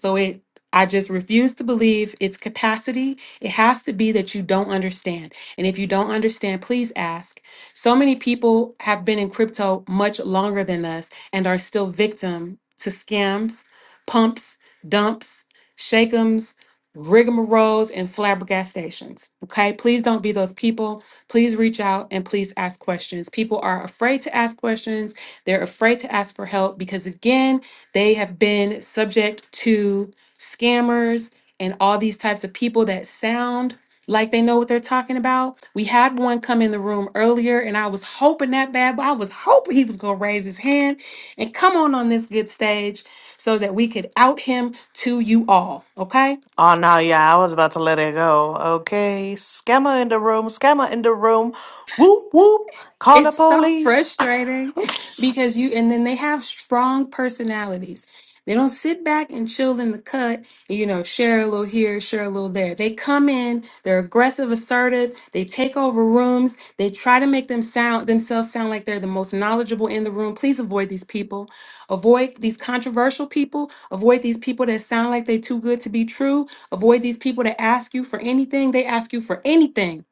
So it I just refuse to believe its capacity. It has to be that you don't understand. And if you don't understand, please ask. So many people have been in crypto much longer than us and are still victim to scams, pumps, dumps, shake'ems, rigmaroles, and flabbergastations. Okay, please don't be those people. Please reach out and please ask questions. People are afraid to ask questions, they're afraid to ask for help because, again, they have been subject to scammers and all these types of people that sound like they know what they're talking about. We had one come in the room earlier, and I was hoping that bad, but I was hoping he was going to raise his hand and come on on this good stage so that we could out him to you all. Okay. Oh no, yeah, I was about to let it go. Okay. Scammer in the room, scammer in the room. Whoop whoop. Call the It's so police. frustrating because you, and then they have strong personalities. They don't sit back and chill in the cut, you know, share a little here, share a little there. They come in, they're aggressive, assertive, they take over rooms, they try to make them sound themselves sound like they're the most knowledgeable in the room. Please avoid these people. Avoid these controversial people, avoid these people that sound like they're too good to be true, avoid these people that ask you for anything, they ask you for anything,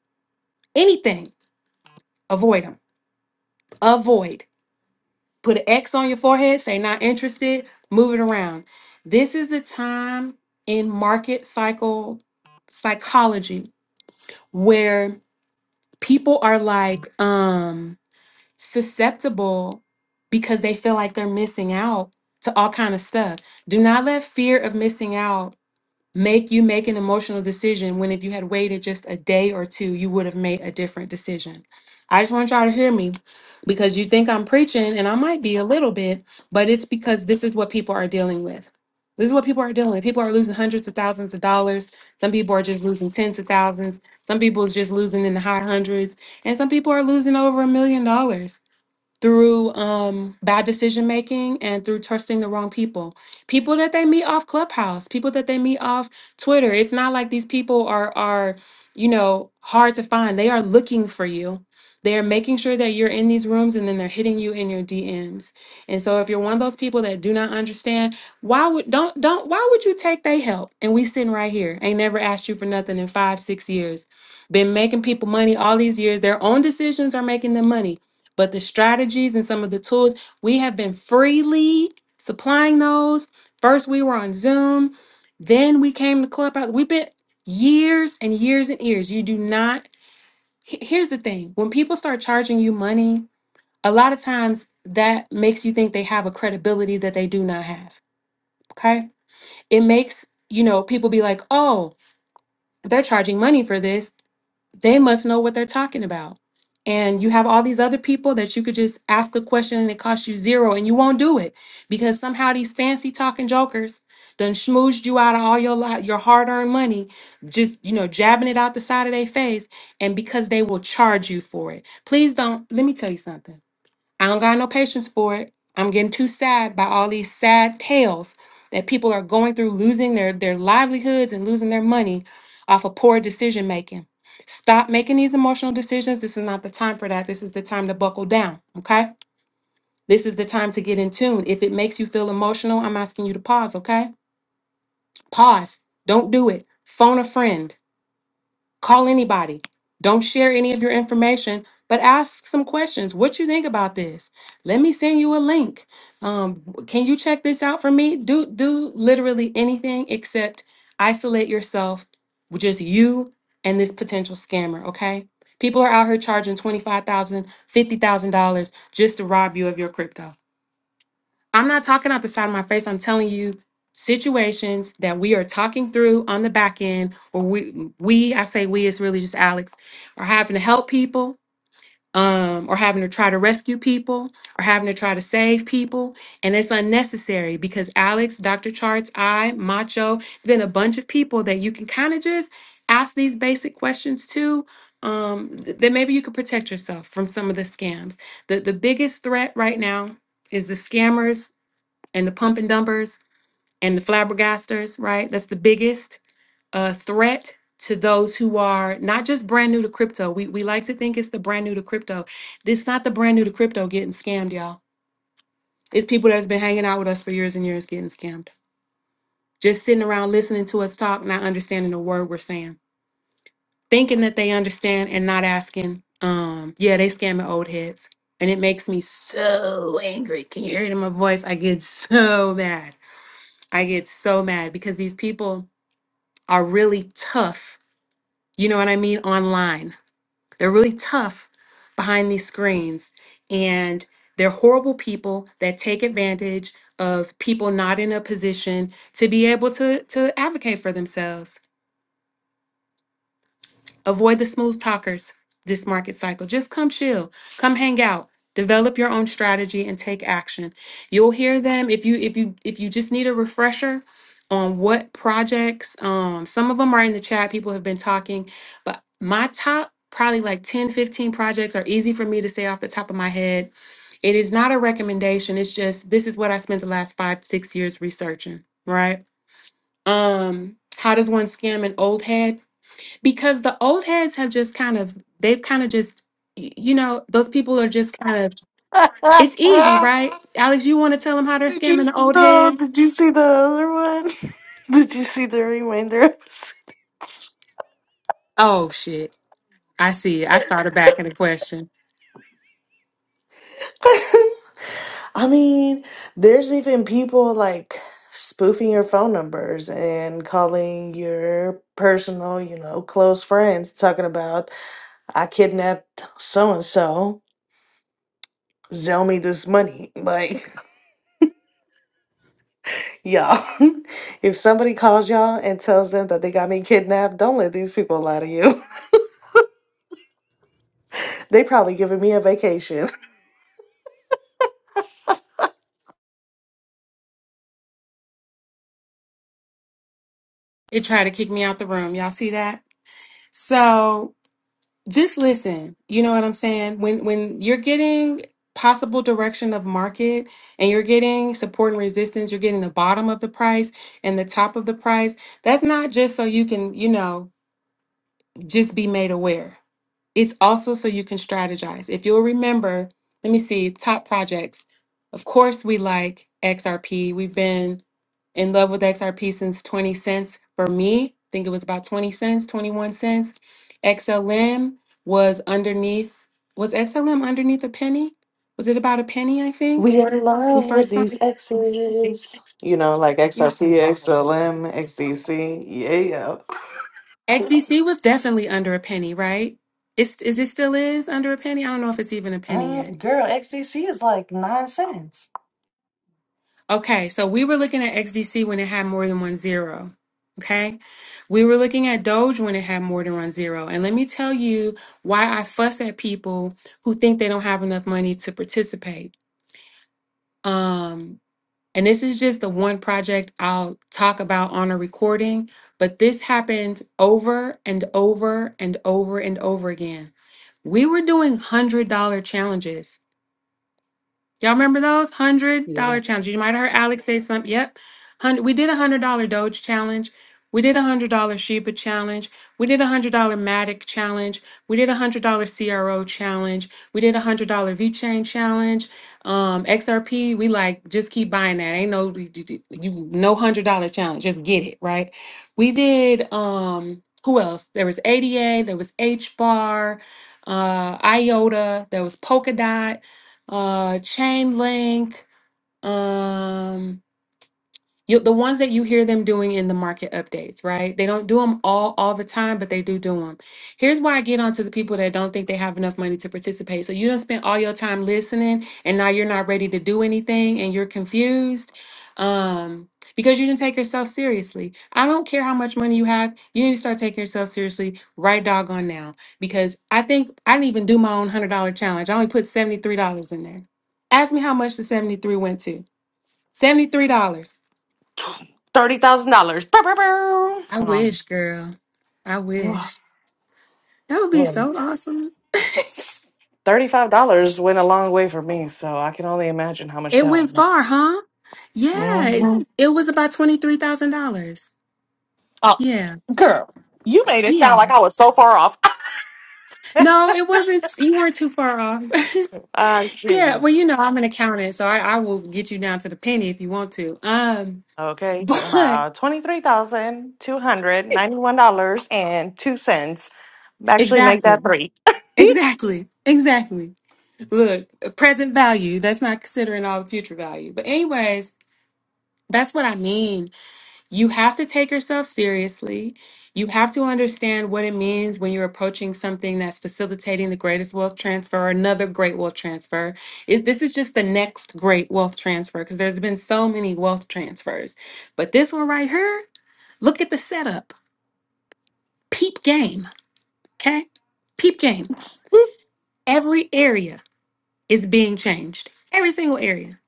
anything. Avoid them. Avoid put an X on your forehead, say not interested, move it around. This is the time in market cycle psychology where people are like um susceptible because they feel like they're missing out to all kind of stuff. Do not let fear of missing out make you make an emotional decision when if you had waited just a day or two, you would have made a different decision. I just want y'all to hear me because you think I'm preaching and I might be a little bit, but it's because this is what people are dealing with. This is what people are dealing with. People are losing hundreds of thousands of dollars. Some people are just losing tens of thousands. Some people is just losing in the high hundreds. And some people are losing over a million dollars through um, bad decision making and through trusting the wrong people. People that they meet off Clubhouse, people that they meet off Twitter. It's not like these people are are you know hard to find. They are looking for you. They are making sure that you're in these rooms and then they're hitting you in your DMs. And so if you're one of those people that do not understand, why would don't don't why would you take they help? And we sitting right here. Ain't never asked you for nothing in five, six years. Been making people money all these years. Their own decisions are making them money. But the strategies and some of the tools, we have been freely supplying those. First, we were on Zoom, then we came to Clubhouse. We've been years and years and years. You do not, he- here's the thing when people start charging you money, a lot of times that makes you think they have a credibility that they do not have. Okay. It makes, you know, people be like, oh, they're charging money for this they must know what they're talking about. And you have all these other people that you could just ask a question and it costs you zero and you won't do it because somehow these fancy talking jokers done schmoozed you out of all your li- your hard-earned money, just you know, jabbing it out the side of their face, and because they will charge you for it. Please don't let me tell you something. I don't got no patience for it. I'm getting too sad by all these sad tales that people are going through losing their, their livelihoods and losing their money off of poor decision making. Stop making these emotional decisions. This is not the time for that. This is the time to buckle down, okay? This is the time to get in tune. If it makes you feel emotional, I'm asking you to pause, okay? Pause. Don't do it. Phone a friend Call anybody. Don't share any of your information, but ask some questions. What you think about this? Let me send you a link. Um, can you check this out for me? Do do literally anything except isolate yourself with just you and this potential scammer, okay? People are out here charging $25,000, $50,000 just to rob you of your crypto. I'm not talking out the side of my face. I'm telling you situations that we are talking through on the back end, or we we I say we it's really just Alex, are having to help people, um, or having to try to rescue people, or having to try to save people, and it's unnecessary because Alex, Dr. Charts, I, Macho, it's been a bunch of people that you can kind of just ask these basic questions to. Um, th- that maybe you could protect yourself from some of the scams. The the biggest threat right now is the scammers and the pump and dumpers and the flabbergasters, right? That's the biggest uh, threat to those who are not just brand new to crypto. We, we like to think it's the brand new to crypto. This not the brand new to crypto getting scammed, y'all. It's people that's been hanging out with us for years and years getting scammed. Just sitting around listening to us talk, not understanding a word we're saying, thinking that they understand and not asking. Um, yeah, they scamming old heads. And it makes me so angry. Can you hear it in my voice? I get so mad. I get so mad because these people are really tough, you know what I mean, online. They're really tough behind these screens. And they're horrible people that take advantage of people not in a position to be able to, to advocate for themselves. Avoid the smooth talkers this market cycle. Just come chill, come hang out, develop your own strategy and take action. You'll hear them if you if you if you just need a refresher on what projects um some of them are in the chat people have been talking, but my top probably like 10, 15 projects are easy for me to say off the top of my head. It is not a recommendation. It's just this is what I spent the last 5 6 years researching, right? Um how does one scam an old head? because the old heads have just kind of they've kind of just y- you know those people are just kind of it's easy right alex you want to tell them how they're did you scamming the see old no, heads did you see the other one? Did you see the remainder? oh shit i see i started back in the question I mean, there's even people like spoofing your phone numbers and calling your personal, you know, close friends talking about, I kidnapped so and so, sell me this money. Like, y'all, if somebody calls y'all and tells them that they got me kidnapped, don't let these people lie to you. They probably giving me a vacation. it tried to kick me out the room y'all see that so just listen you know what i'm saying when when you're getting possible direction of market and you're getting support and resistance you're getting the bottom of the price and the top of the price that's not just so you can you know just be made aware It's also so you can strategize. If you'll remember, let me see, top projects. Of course, we like XRP. We've been in love with XRP since 20 cents for me. I think it was about 20 cents, 21 cents. XLM was underneath, was XLM underneath a penny? Was it about a penny, I think? We in We love with first found these exes. You know, like You're XRP, so XLM, XDC. Yeah. XDC was definitely under a penny, right? It's, is it still is under a penny? I don't know if it's even a penny yet. Mm, girl, XDC is like nine cents. Okay, so we were looking at XDC when it had more than one zero. Okay, we were looking at Doge when it had more than one zero. And let me tell you why I fuss at people who think they don't have enough money to participate. Um, and this is just the one project I'll talk about on a recording, but this happened over and over and over and over again. We were doing $100 challenges Y'all remember those hundred Yeah. dollar challenges? You might have heard Alex say something. Yep, hundred. We did a hundred dollar Doge challenge. We did a hundred dollar Sheba challenge. We did a hundred dollar Matic challenge. We did a hundred dollar CRO challenge. We did a hundred dollar V Chain challenge. Um, XRP. We like just keep buying that. Ain't no you you- you- no hundred dollar challenge. Just get it right. We did. Um, who else? There was ADA. There was H Bar. Uh, IOTA. There was Polkadot uh, Chainlink, um, you the ones that you hear them doing in the market updates, right? They don't do them all all the time, but they do do them. Here's why I get on to the people that don't think they have enough money to participate. So you don't spend all your time listening, and now you're not ready to do anything, and you're confused. Um, because you didn't take yourself seriously. I don't care how much money you have, you need to start taking yourself seriously right doggone now. Because I think I didn't even do my own hundred dollar challenge. I only put $73 in there. Ask me how much the 73 went to. $73. Thirty thousand dollars. I Um, wish, girl. I wish. That would be so awesome. Thirty-five dollars went a long way for me, so I can only imagine how much it that went one. far, huh? Yeah. It, Mm-hmm. it was about $23,000. Oh, Yeah. girl, you made it sound Yeah. like I was so far off. No, it wasn't. You weren't too far off. I yeah. can't. Well, you know, I'm an accountant, so I, I will get you down to the penny if you want to. Um, Okay, talking but about twenty-three thousand two hundred ninety-one dollars and two cents. Actually, make that exactly. three. Exactly. Exactly. Look, present value. That's not considering all the future value. But anyways, that's what I mean You have to take yourself seriously. You have to understand what it means when you're approaching something that's facilitating the greatest wealth transfer or another great wealth transfer. It, this is just the next great wealth transfer because there's been so many wealth transfers. But this one right here, look at the setup. Peep game, okay? Peep game. Every area is being changed, every single area.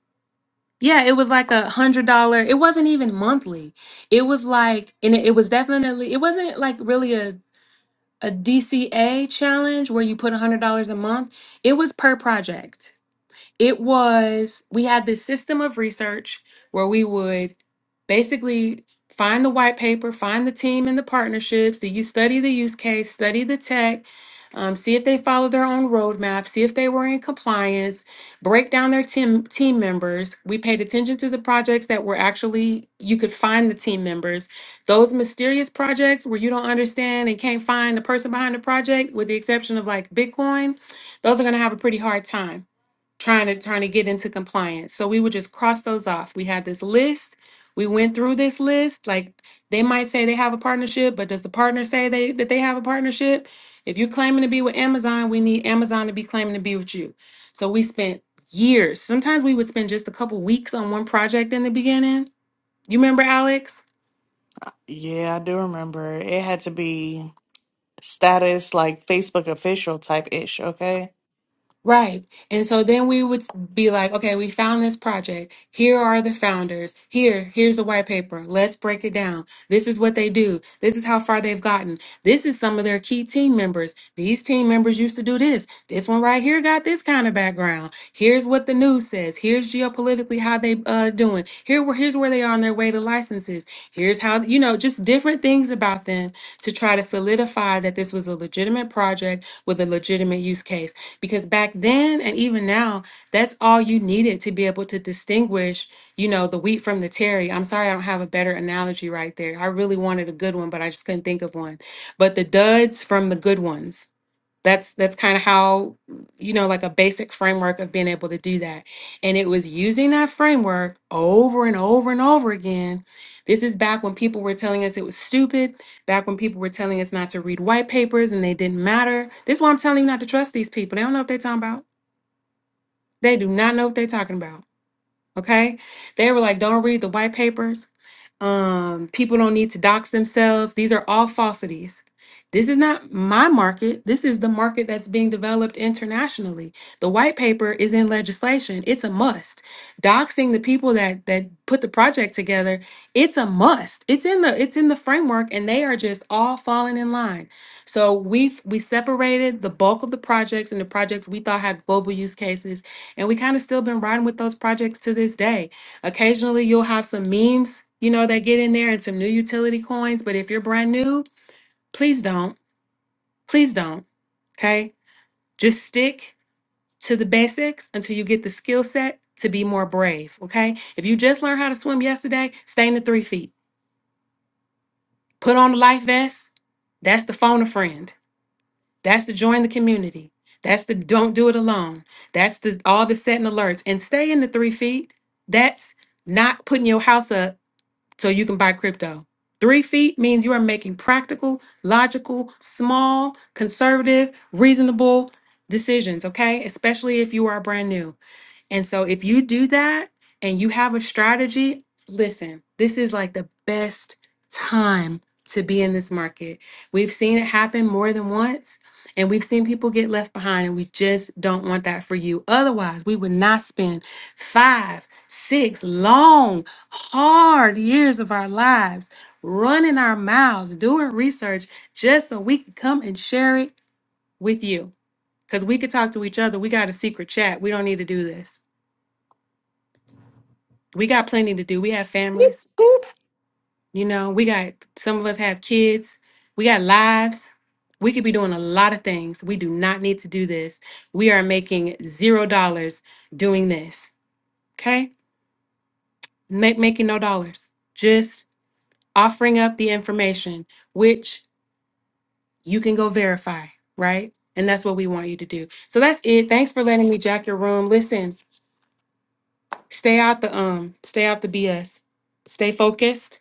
Yeah, it was like a hundred dollar. It wasn't even monthly. It was like, and it it was definitely, it wasn't like really a a DCA challenge where you put $100 a month. It was per project. It was, we had this system of research where we would basically find the white paper, find the team and the partnerships, the you study the use case, study the tech, um, see if they follow their own roadmap, see if they were in compliance, break down their team team members. We paid attention to the projects that were actually you could find the team members. Those mysterious projects where you don't understand and can't find the person behind the project, with the exception of like Bitcoin, those are gonna have a pretty hard time trying to trying to get into compliance. So we would just cross those off. We had this list. We went through this list. Like they might say they have a partnership, but does the partner say they that they have a partnership? If you're claiming to be with Amazon, we need Amazon to be claiming to be with you. So we spent years. Sometimes we would spend just a couple weeks on one project in the beginning. You remember Alex? yeah, I do remember. It had to be. status like Facebook official type ish, okay? Right. And so then we would be like, okay, we found this project. Here are the founders. Here, here's a white paper. Let's break it down. This is what they do. This is how far they've gotten. This is some of their key team members. These team members used to do this. This one right here got this kind of background. Here's what the news says. Here's geopolitically how they uh doing. Here where here's where they are on their way to licenses. Here's how, you know, just different things about them to try to solidify that this was a legitimate project with a legitimate use case because back then and even now that's all you needed to be able to distinguish you know the wheat from the terry i'm sorry i don't have a better analogy right there i really wanted a good one but i just couldn't think of one but the duds from the good ones that's that's kind of how you know like a basic framework of being able to do that and it was using that framework over and over and over again this is back when people were telling us it was stupid back when people were telling us not to read white papers and they didn't matter this is why i'm telling you not to trust these people they don't know what they're talking about they do not know what they're talking about okay they were like don't read the white papers um, people don't need to dox themselves. These are all falsities. This is not my market. This is the market that's being developed internationally. The white paper is in legislation. It's a must. Doxing the people that that put the project together, it's a must. It's in the it's in the framework and they are just all falling in line. So we we separated the bulk of the projects and the projects we thought had global use cases and we kind of still been riding with those projects to this day Occasionally, you'll have some memes, you know, that get in there and some new utility coins. But if you're brand new, please don't. Please don't. Okay. Just stick to the basics until you get the skill set to be more brave. Okay. If you just learned how to swim yesterday, stay in the three feet. Put on the life vest. That's the phone a friend. That's the join the community. That's the don't do it alone. That's the all the setting alerts and stay in the three feet. That's not putting your house up so you can buy crypto. Three feet means you are making practical, logical, small, conservative, reasonable decisions, okay? Especially if you are brand new. And so if you do that and you have a strategy, listen, this is like the best time to be in this market. We've seen it happen more than once and we've seen people get left behind and we just don't want that for you. Otherwise, we would not spend 5, 6 long, hard years of our lives running our mouths, doing research just so we could come and share it with you. Cuz we could talk to each other. We got a secret chat. We don't need to do this we got plenty to do. We have Beep, families, boop. you know, we got some of us have kids, we got lives. We could be doing a lot of things. We do not need to do this. We are making zero dollars doing this. Okay? Make making no dollars. Just offering up the information, which you can go verify, right? And that's what we want you to do. So that's it. Thanks for letting me jack your room. Listen, stay out the um, stay out the BS. Stay focused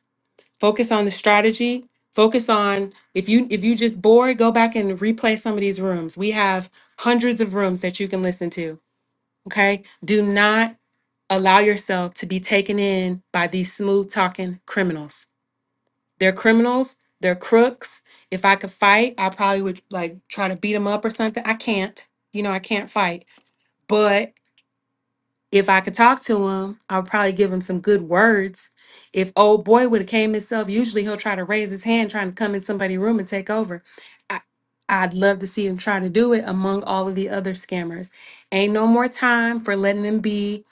focus on the strategy focus on if you if you just bored go back and replay some of these rooms we have hundreds of rooms that you can listen to okay do not allow yourself to be taken in by these smooth talking criminals they're criminals they're crooks if i could fight i probably would like try to beat them up or something i can't you know i can't fight if I could talk to him, I'll probably give him some good words. If old boy would have came himself, usually he'll try to raise his hand, trying to come in somebody's room and take over. I, I'd love to see him try to do it among all of the other scammers. Ain't no more time for letting them be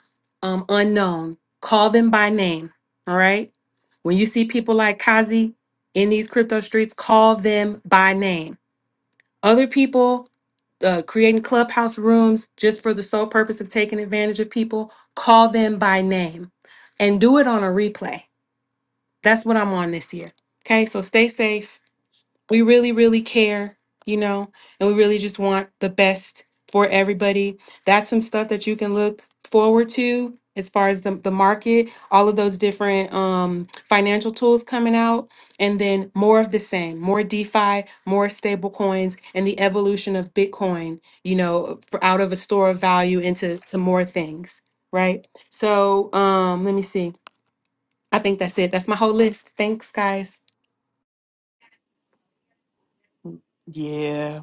um, unknown. Call them by name. All right. When you see people like Kazi in these crypto streets, call them by name. Other people uh, creating clubhouse rooms just for the sole purpose of taking advantage of people, call them by name and do it on a replay. That's what I'm on this year. Okay, so stay safe we really, really care, you know, and we really just want the best for everybody. That's some stuff that you can look forward to as far as the, the market, all of those different um, financial tools coming out, and then more of the same, more DeFi, more stable coins, and the evolution of Bitcoin, you know, for out of a store of value into to more things, right? So um, let me see. I think that's it. That's my whole list. Thanks, guys. Yeah,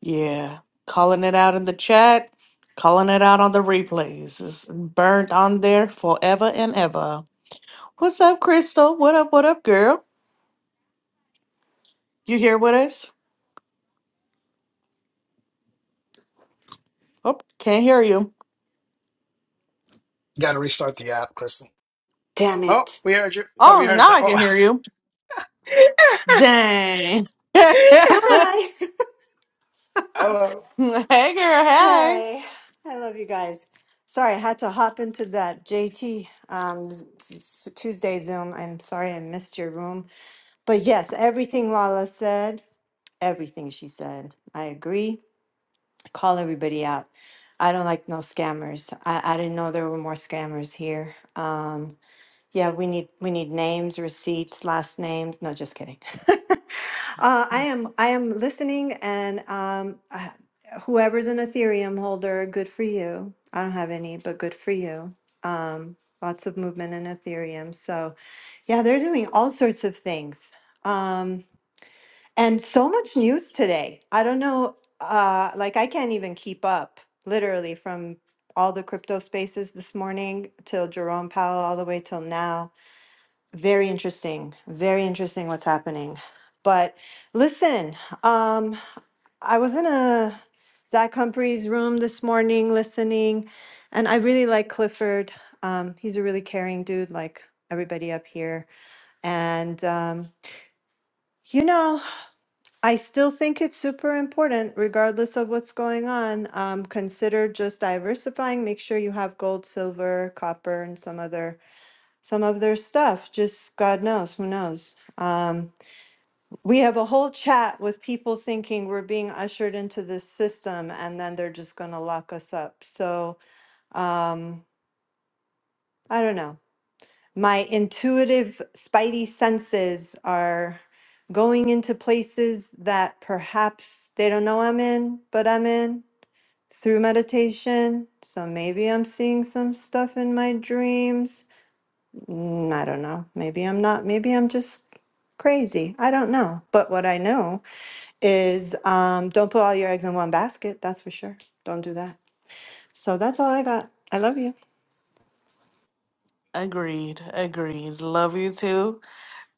yeah. Calling it out in the chat, calling it out on the replays. It's burnt on there forever and ever. What's up, Crystal? What up, what up, girl? You here with us? Oh, can't hear you. Got to restart the app, Crystal. Damn Oh, it. we heard you. Oh, we Oh, heard now that. I Oh, can hear you. Dang. hey, Hi. hello. girl, hey. hey. I love you guys. Sorry, I had to hop into that JT um, s- s- Tuesday Zoom. I'm sorry I missed your room. But yes, everything Lala said, everything she said, I agree. Call everybody out. I don't like no scammers. I, I didn't know there were more scammers here. Um, Yeah, we need we need names, receipts, last names. No, just kidding. uh, I am I am listening, and um, uh, whoever's an Ethereum holder, good for you. I don't have any, but good for you. Um, lots of movement in Ethereum. So yeah, they're doing all sorts of things, um, and so much news today. I don't know, uh, like I can't even keep up. Literally from all the crypto spaces this morning till Jerome Powell, all the way till now very interesting. Very interesting what's happening. But listen, um, I was in a Zach Humphrey's room this morning listening, and I really like Clifford. Um, he's a really caring dude, like everybody up here. And, um, you know, I still think it's super important, regardless of what's going on. Um, consider just diversifying. Make sure you have gold, silver, copper, and some other some of their stuff. Just God knows, who knows. Um, we have a whole chat with people thinking we're being ushered into this system and then they're just going to lock us up. So, um, I don't know. My intuitive spidey senses are going into places that perhaps they don't know I'm in, but I'm in through meditation. So maybe I'm seeing some stuff in my dreams. Mm, I don't know. Maybe I'm not. Maybe I'm just crazy. I don't know. But what I know is um, don't put all your eggs in one basket. That's for sure. Don't do that. So that's all I got. I love you. Agreed, agreed. Love you too.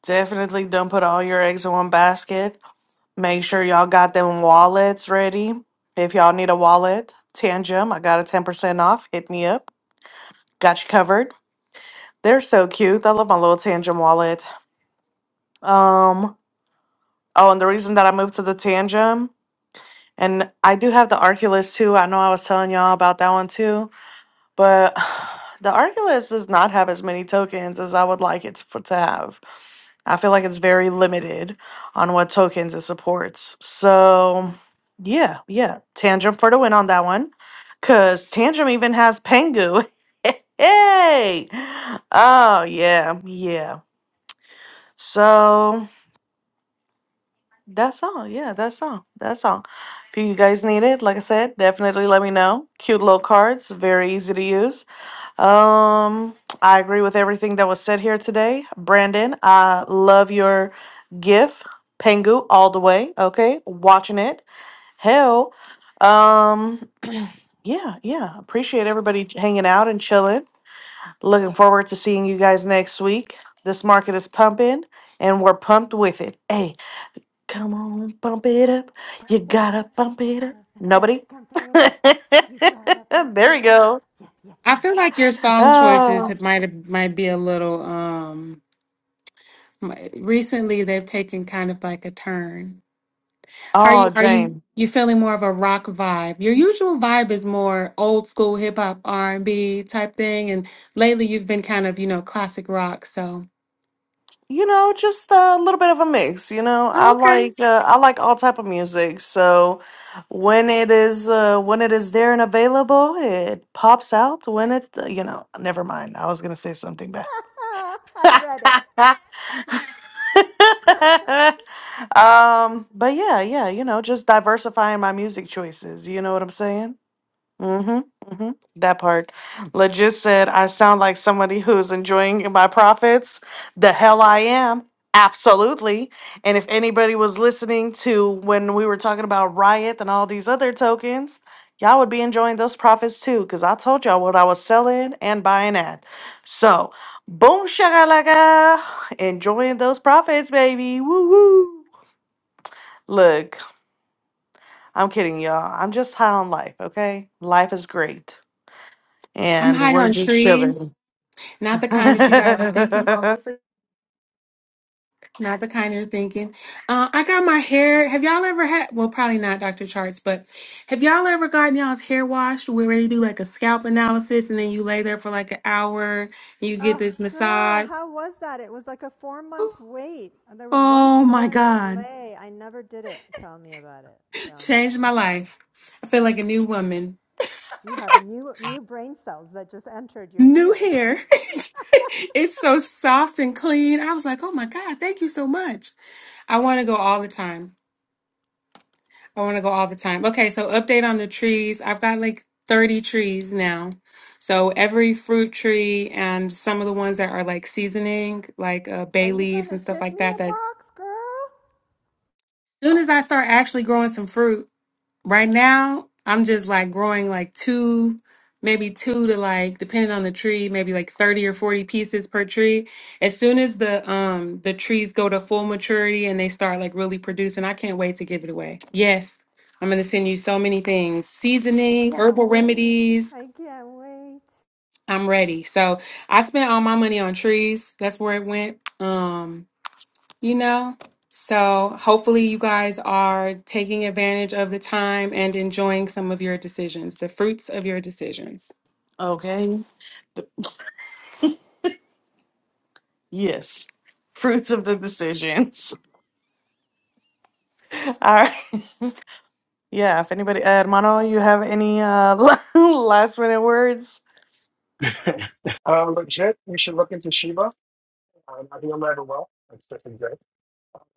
Definitely don't put all your eggs in one basket. Make sure y'all got them wallets ready. If y'all need a wallet, Tangem, I got a 10% off. Hit me up. Got you covered. They're so cute. I love my little Tangem wallet. Um, oh, and the reason that I moved to the Tangem, and I do have the Arculus too. I know I was telling y'all about that one too But the Arculus does not have as many tokens as I would like it for, to have. I feel like it's very limited on what tokens it supports. So, yeah, yeah. Tantrum for the win on that one. Because Tantrum even has Pengu. hey! Oh, yeah, yeah. So, that's all. Yeah, that's all. That's all. If you guys need it, like I said, definitely let me know. Cute little cards, very easy to use. Um, I agree with everything that was said here today. Brandon, I love your gif. Pengu all the way. Okay. Watching it. Hell. Um yeah, yeah. Appreciate everybody j- hanging out and chilling. Looking forward to seeing you guys next week. This market is pumping and we're pumped with it. Hey, come on, pump it up. You gotta pump it up. Nobody? there we go. I feel like your song choices Oh, have might have- might be a little um mi- recently they've taken kind of like a turn. How are oh, you are dang. you you feeling more of a rock vibe? Your usual vibe is more old school hip hop R&B type thing and lately you've been kind of, you know, classic rock, so You know, just a little bit of a mix. You know, I Oh, okay. like uh, I like all type of music. So when it is uh, when it is there and available, it pops out. When it's uh, you know, never mind. I was gonna say something bad. um, but yeah, yeah, you know, just diversifying my music choices. You know what I'm saying? Mm-hmm. Mm-hmm. That part. Legit said, I sound like somebody who's enjoying my profits. The hell I am. Absolutely. And if anybody was listening to when we were talking about Riot and all these other tokens, y'all would be enjoying those profits too, because I told y'all what I was selling and buying at. So, boom, shakalaka. Enjoying those profits, baby. Woo woo. Look, I'm kidding, y'all. I'm just high on life, okay? Life is great I'm and high we're on just chilling. trees. Not the okay. kind that you guys are thinking. Not the kind you're thinking. Uh, I got my hair. Have y'all ever had? Well, probably not Dr. Charts, but have y'all ever gotten y'all's hair washed where they do like a scalp analysis and then you lay there for like an hour and you get Oh, this girl, massage? how was that? It was like a four month wait. And There was one Oh my store in God. LA. I never did it. Tell me about it. Tell me Changed my everything. life. I feel Jeez. like a new woman. You have new new brain cells that just entered your New hair. it's so soft and clean. I was like, oh my God, thank you so much. I want to go all the time. I want to go all the time. Okay, so update on the trees. I've got like 30 trees now. So every fruit tree and some of the ones that are like seasoning, like uh, bay leaves and stuff like that, that as soon as I start actually growing some fruit, Right now, I'm just like growing like two, maybe two to like depending on the tree, maybe like 30 or 40 pieces per tree. As soon as the um the trees go to full maturity and they start like really producing, I can't wait to give it away. Yes, I'm gonna send you so many things. Seasoning, herbal remedies. I'm ready. So I spent all my money on trees. That's where it went. Um you know? So hopefully you guys are taking advantage of the time and enjoying some of your decisions, the fruits of your decisions. The- yes. Fruits of the decisions. All right. Yeah. If anybody, uh, Hermano, you have any uh, last minute words? Uh, legit, you should look into Shiva. Um, I think I'm rather well. That's pretty good.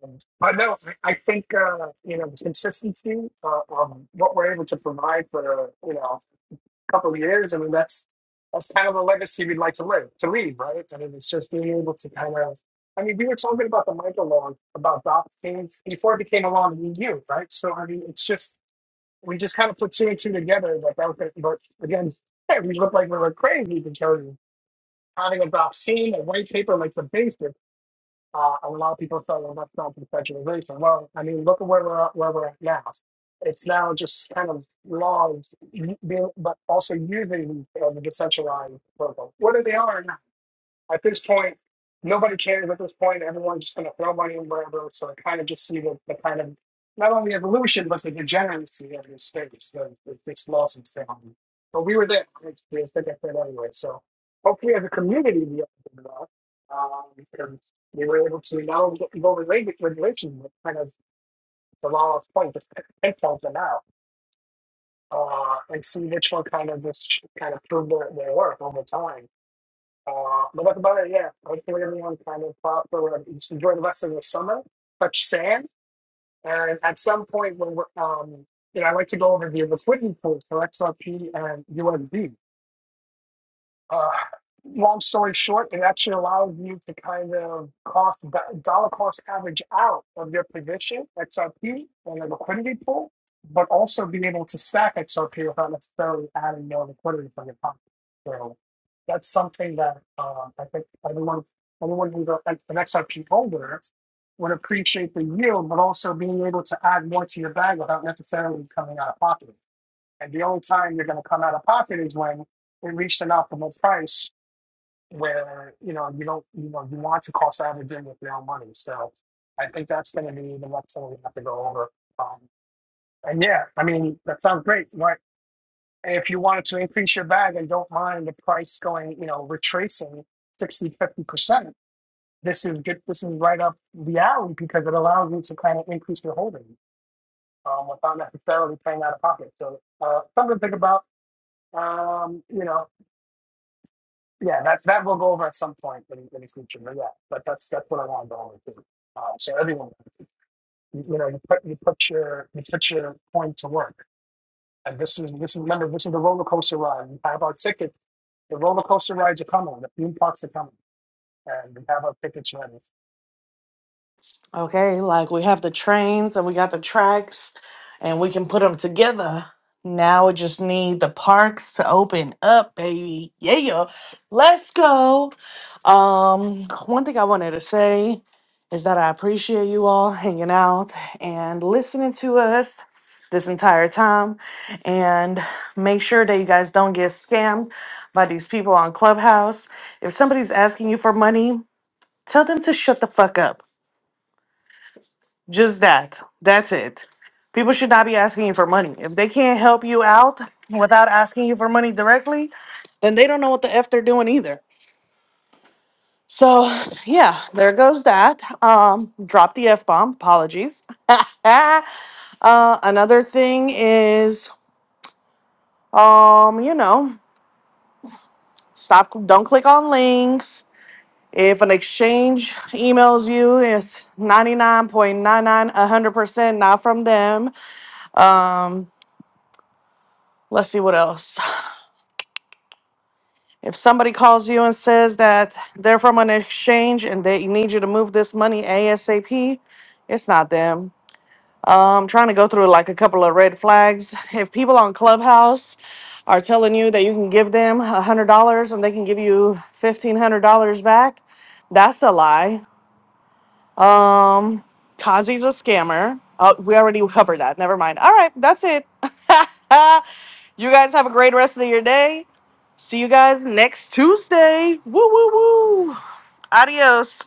Um, But no, I, I think, uh, you know, the consistency uh, of what we're able to provide for, you know, a couple of years, I mean, that's that's kind of a legacy we'd like to live, to leave, right? I mean, it's just being able to kind of, I mean, we were talking about the micrologue, about Doc things before it became a law in the EU, right? So, I mean, it's just, we just kind of put two and two together, but that was it. But again, we looked like we were crazy because having a vaccine and white paper like the basic, uh, a lot of people thought, well, that's not conceptualization. Well, I mean, look at where we're at, where we're at now. It's now just kind of laws, being- but also using you know, the decentralized protocol. What are they are now? At this point, nobody cares at this point. Everyone's just going to throw money in wherever. So I kind of just see the, the kind of not only evolution, but the degeneracy of this space, the, the, this loss of sound. But we were there. It's, we think I said anyway. So hopefully, as a community, we all did well. Um, because we were able to now go relate regulation, but kind of the law's point, just pinpoint them out uh, and see which one kind of just kind of proved their, their work over time uh, but that's about it. Yeah, I think we're everyone kind of thought for uh, just enjoy the rest of the summer, touch sand, and at some point when we're um, you know, I like to go over the liquidity pool for XRP and USD. Uh, long story short, it actually allows you to kind of cost dollar cost average out of your position XRP on a liquidity pool, but also be able to stack XRP without necessarily adding more liquidity from your pocket. So that's something that uh, I think everyone everyone who's a- an XRP holder would appreciate the yield, but also being able to add more to your bag without necessarily coming out of pocket. And the only time you're going to come out of pocket is when it reached an optimal price where, you know, you don't, you know, you want to cost average in with your own money. So I think that's going to be the next thing we have to go over. Um, and yeah, I mean, that sounds great, right? If you wanted to increase your bag and don't mind the price going, you know, retracing sixty fifty percent this is good. This is right up the alley because it allows you to kind of increase your holding um, without necessarily paying out of pocket. So uh, something to think about um, you know, Yeah, that that we'll go over at some point in, in the future. But yeah, but that's that's what I want to go over too. Um, so everyone, you, you know, you put you put your you put your point to work, and this is this is remember this is the roller coaster ride. We have our tickets. The roller coaster rides are coming. The theme parks are coming, and we have our tickets ready. Okay, like we have the trains and we got the tracks and we can put them together. Now we just need the parks to open up, baby. Yeah. Let's go. Um one thing I wanted to say is that I appreciate you all hanging out and listening to us this entire time and make sure that you guys don't get scammed by these people on Clubhouse. If somebody's asking you for money, tell them to shut the fuck up just that. That's it. People should not be asking you for money. If they can't help you out without asking you for money directly, then they don't know what the F they're doing either. So, yeah, there goes that. Um, drop the F bomb. Apologies. uh, another thing is, um, you know, stop, don't click on links. If an exchange emails you, it's 99.99, 100% not from them. Um, let's see what else. If somebody calls you and says that they're from an exchange and they need you to move this money ASAP, it's not them. Um, trying to go through like a couple of red flags. If people on Clubhouse are telling you that you can give them $100 and they can give you $1,500 back, that's a lie. Um, Kazi's a scammer. Oh, we already covered that. Never mind. All right, that's it. you guys have a great rest of your day. See you guys next Tuesday. Woo, woo, woo. Adios.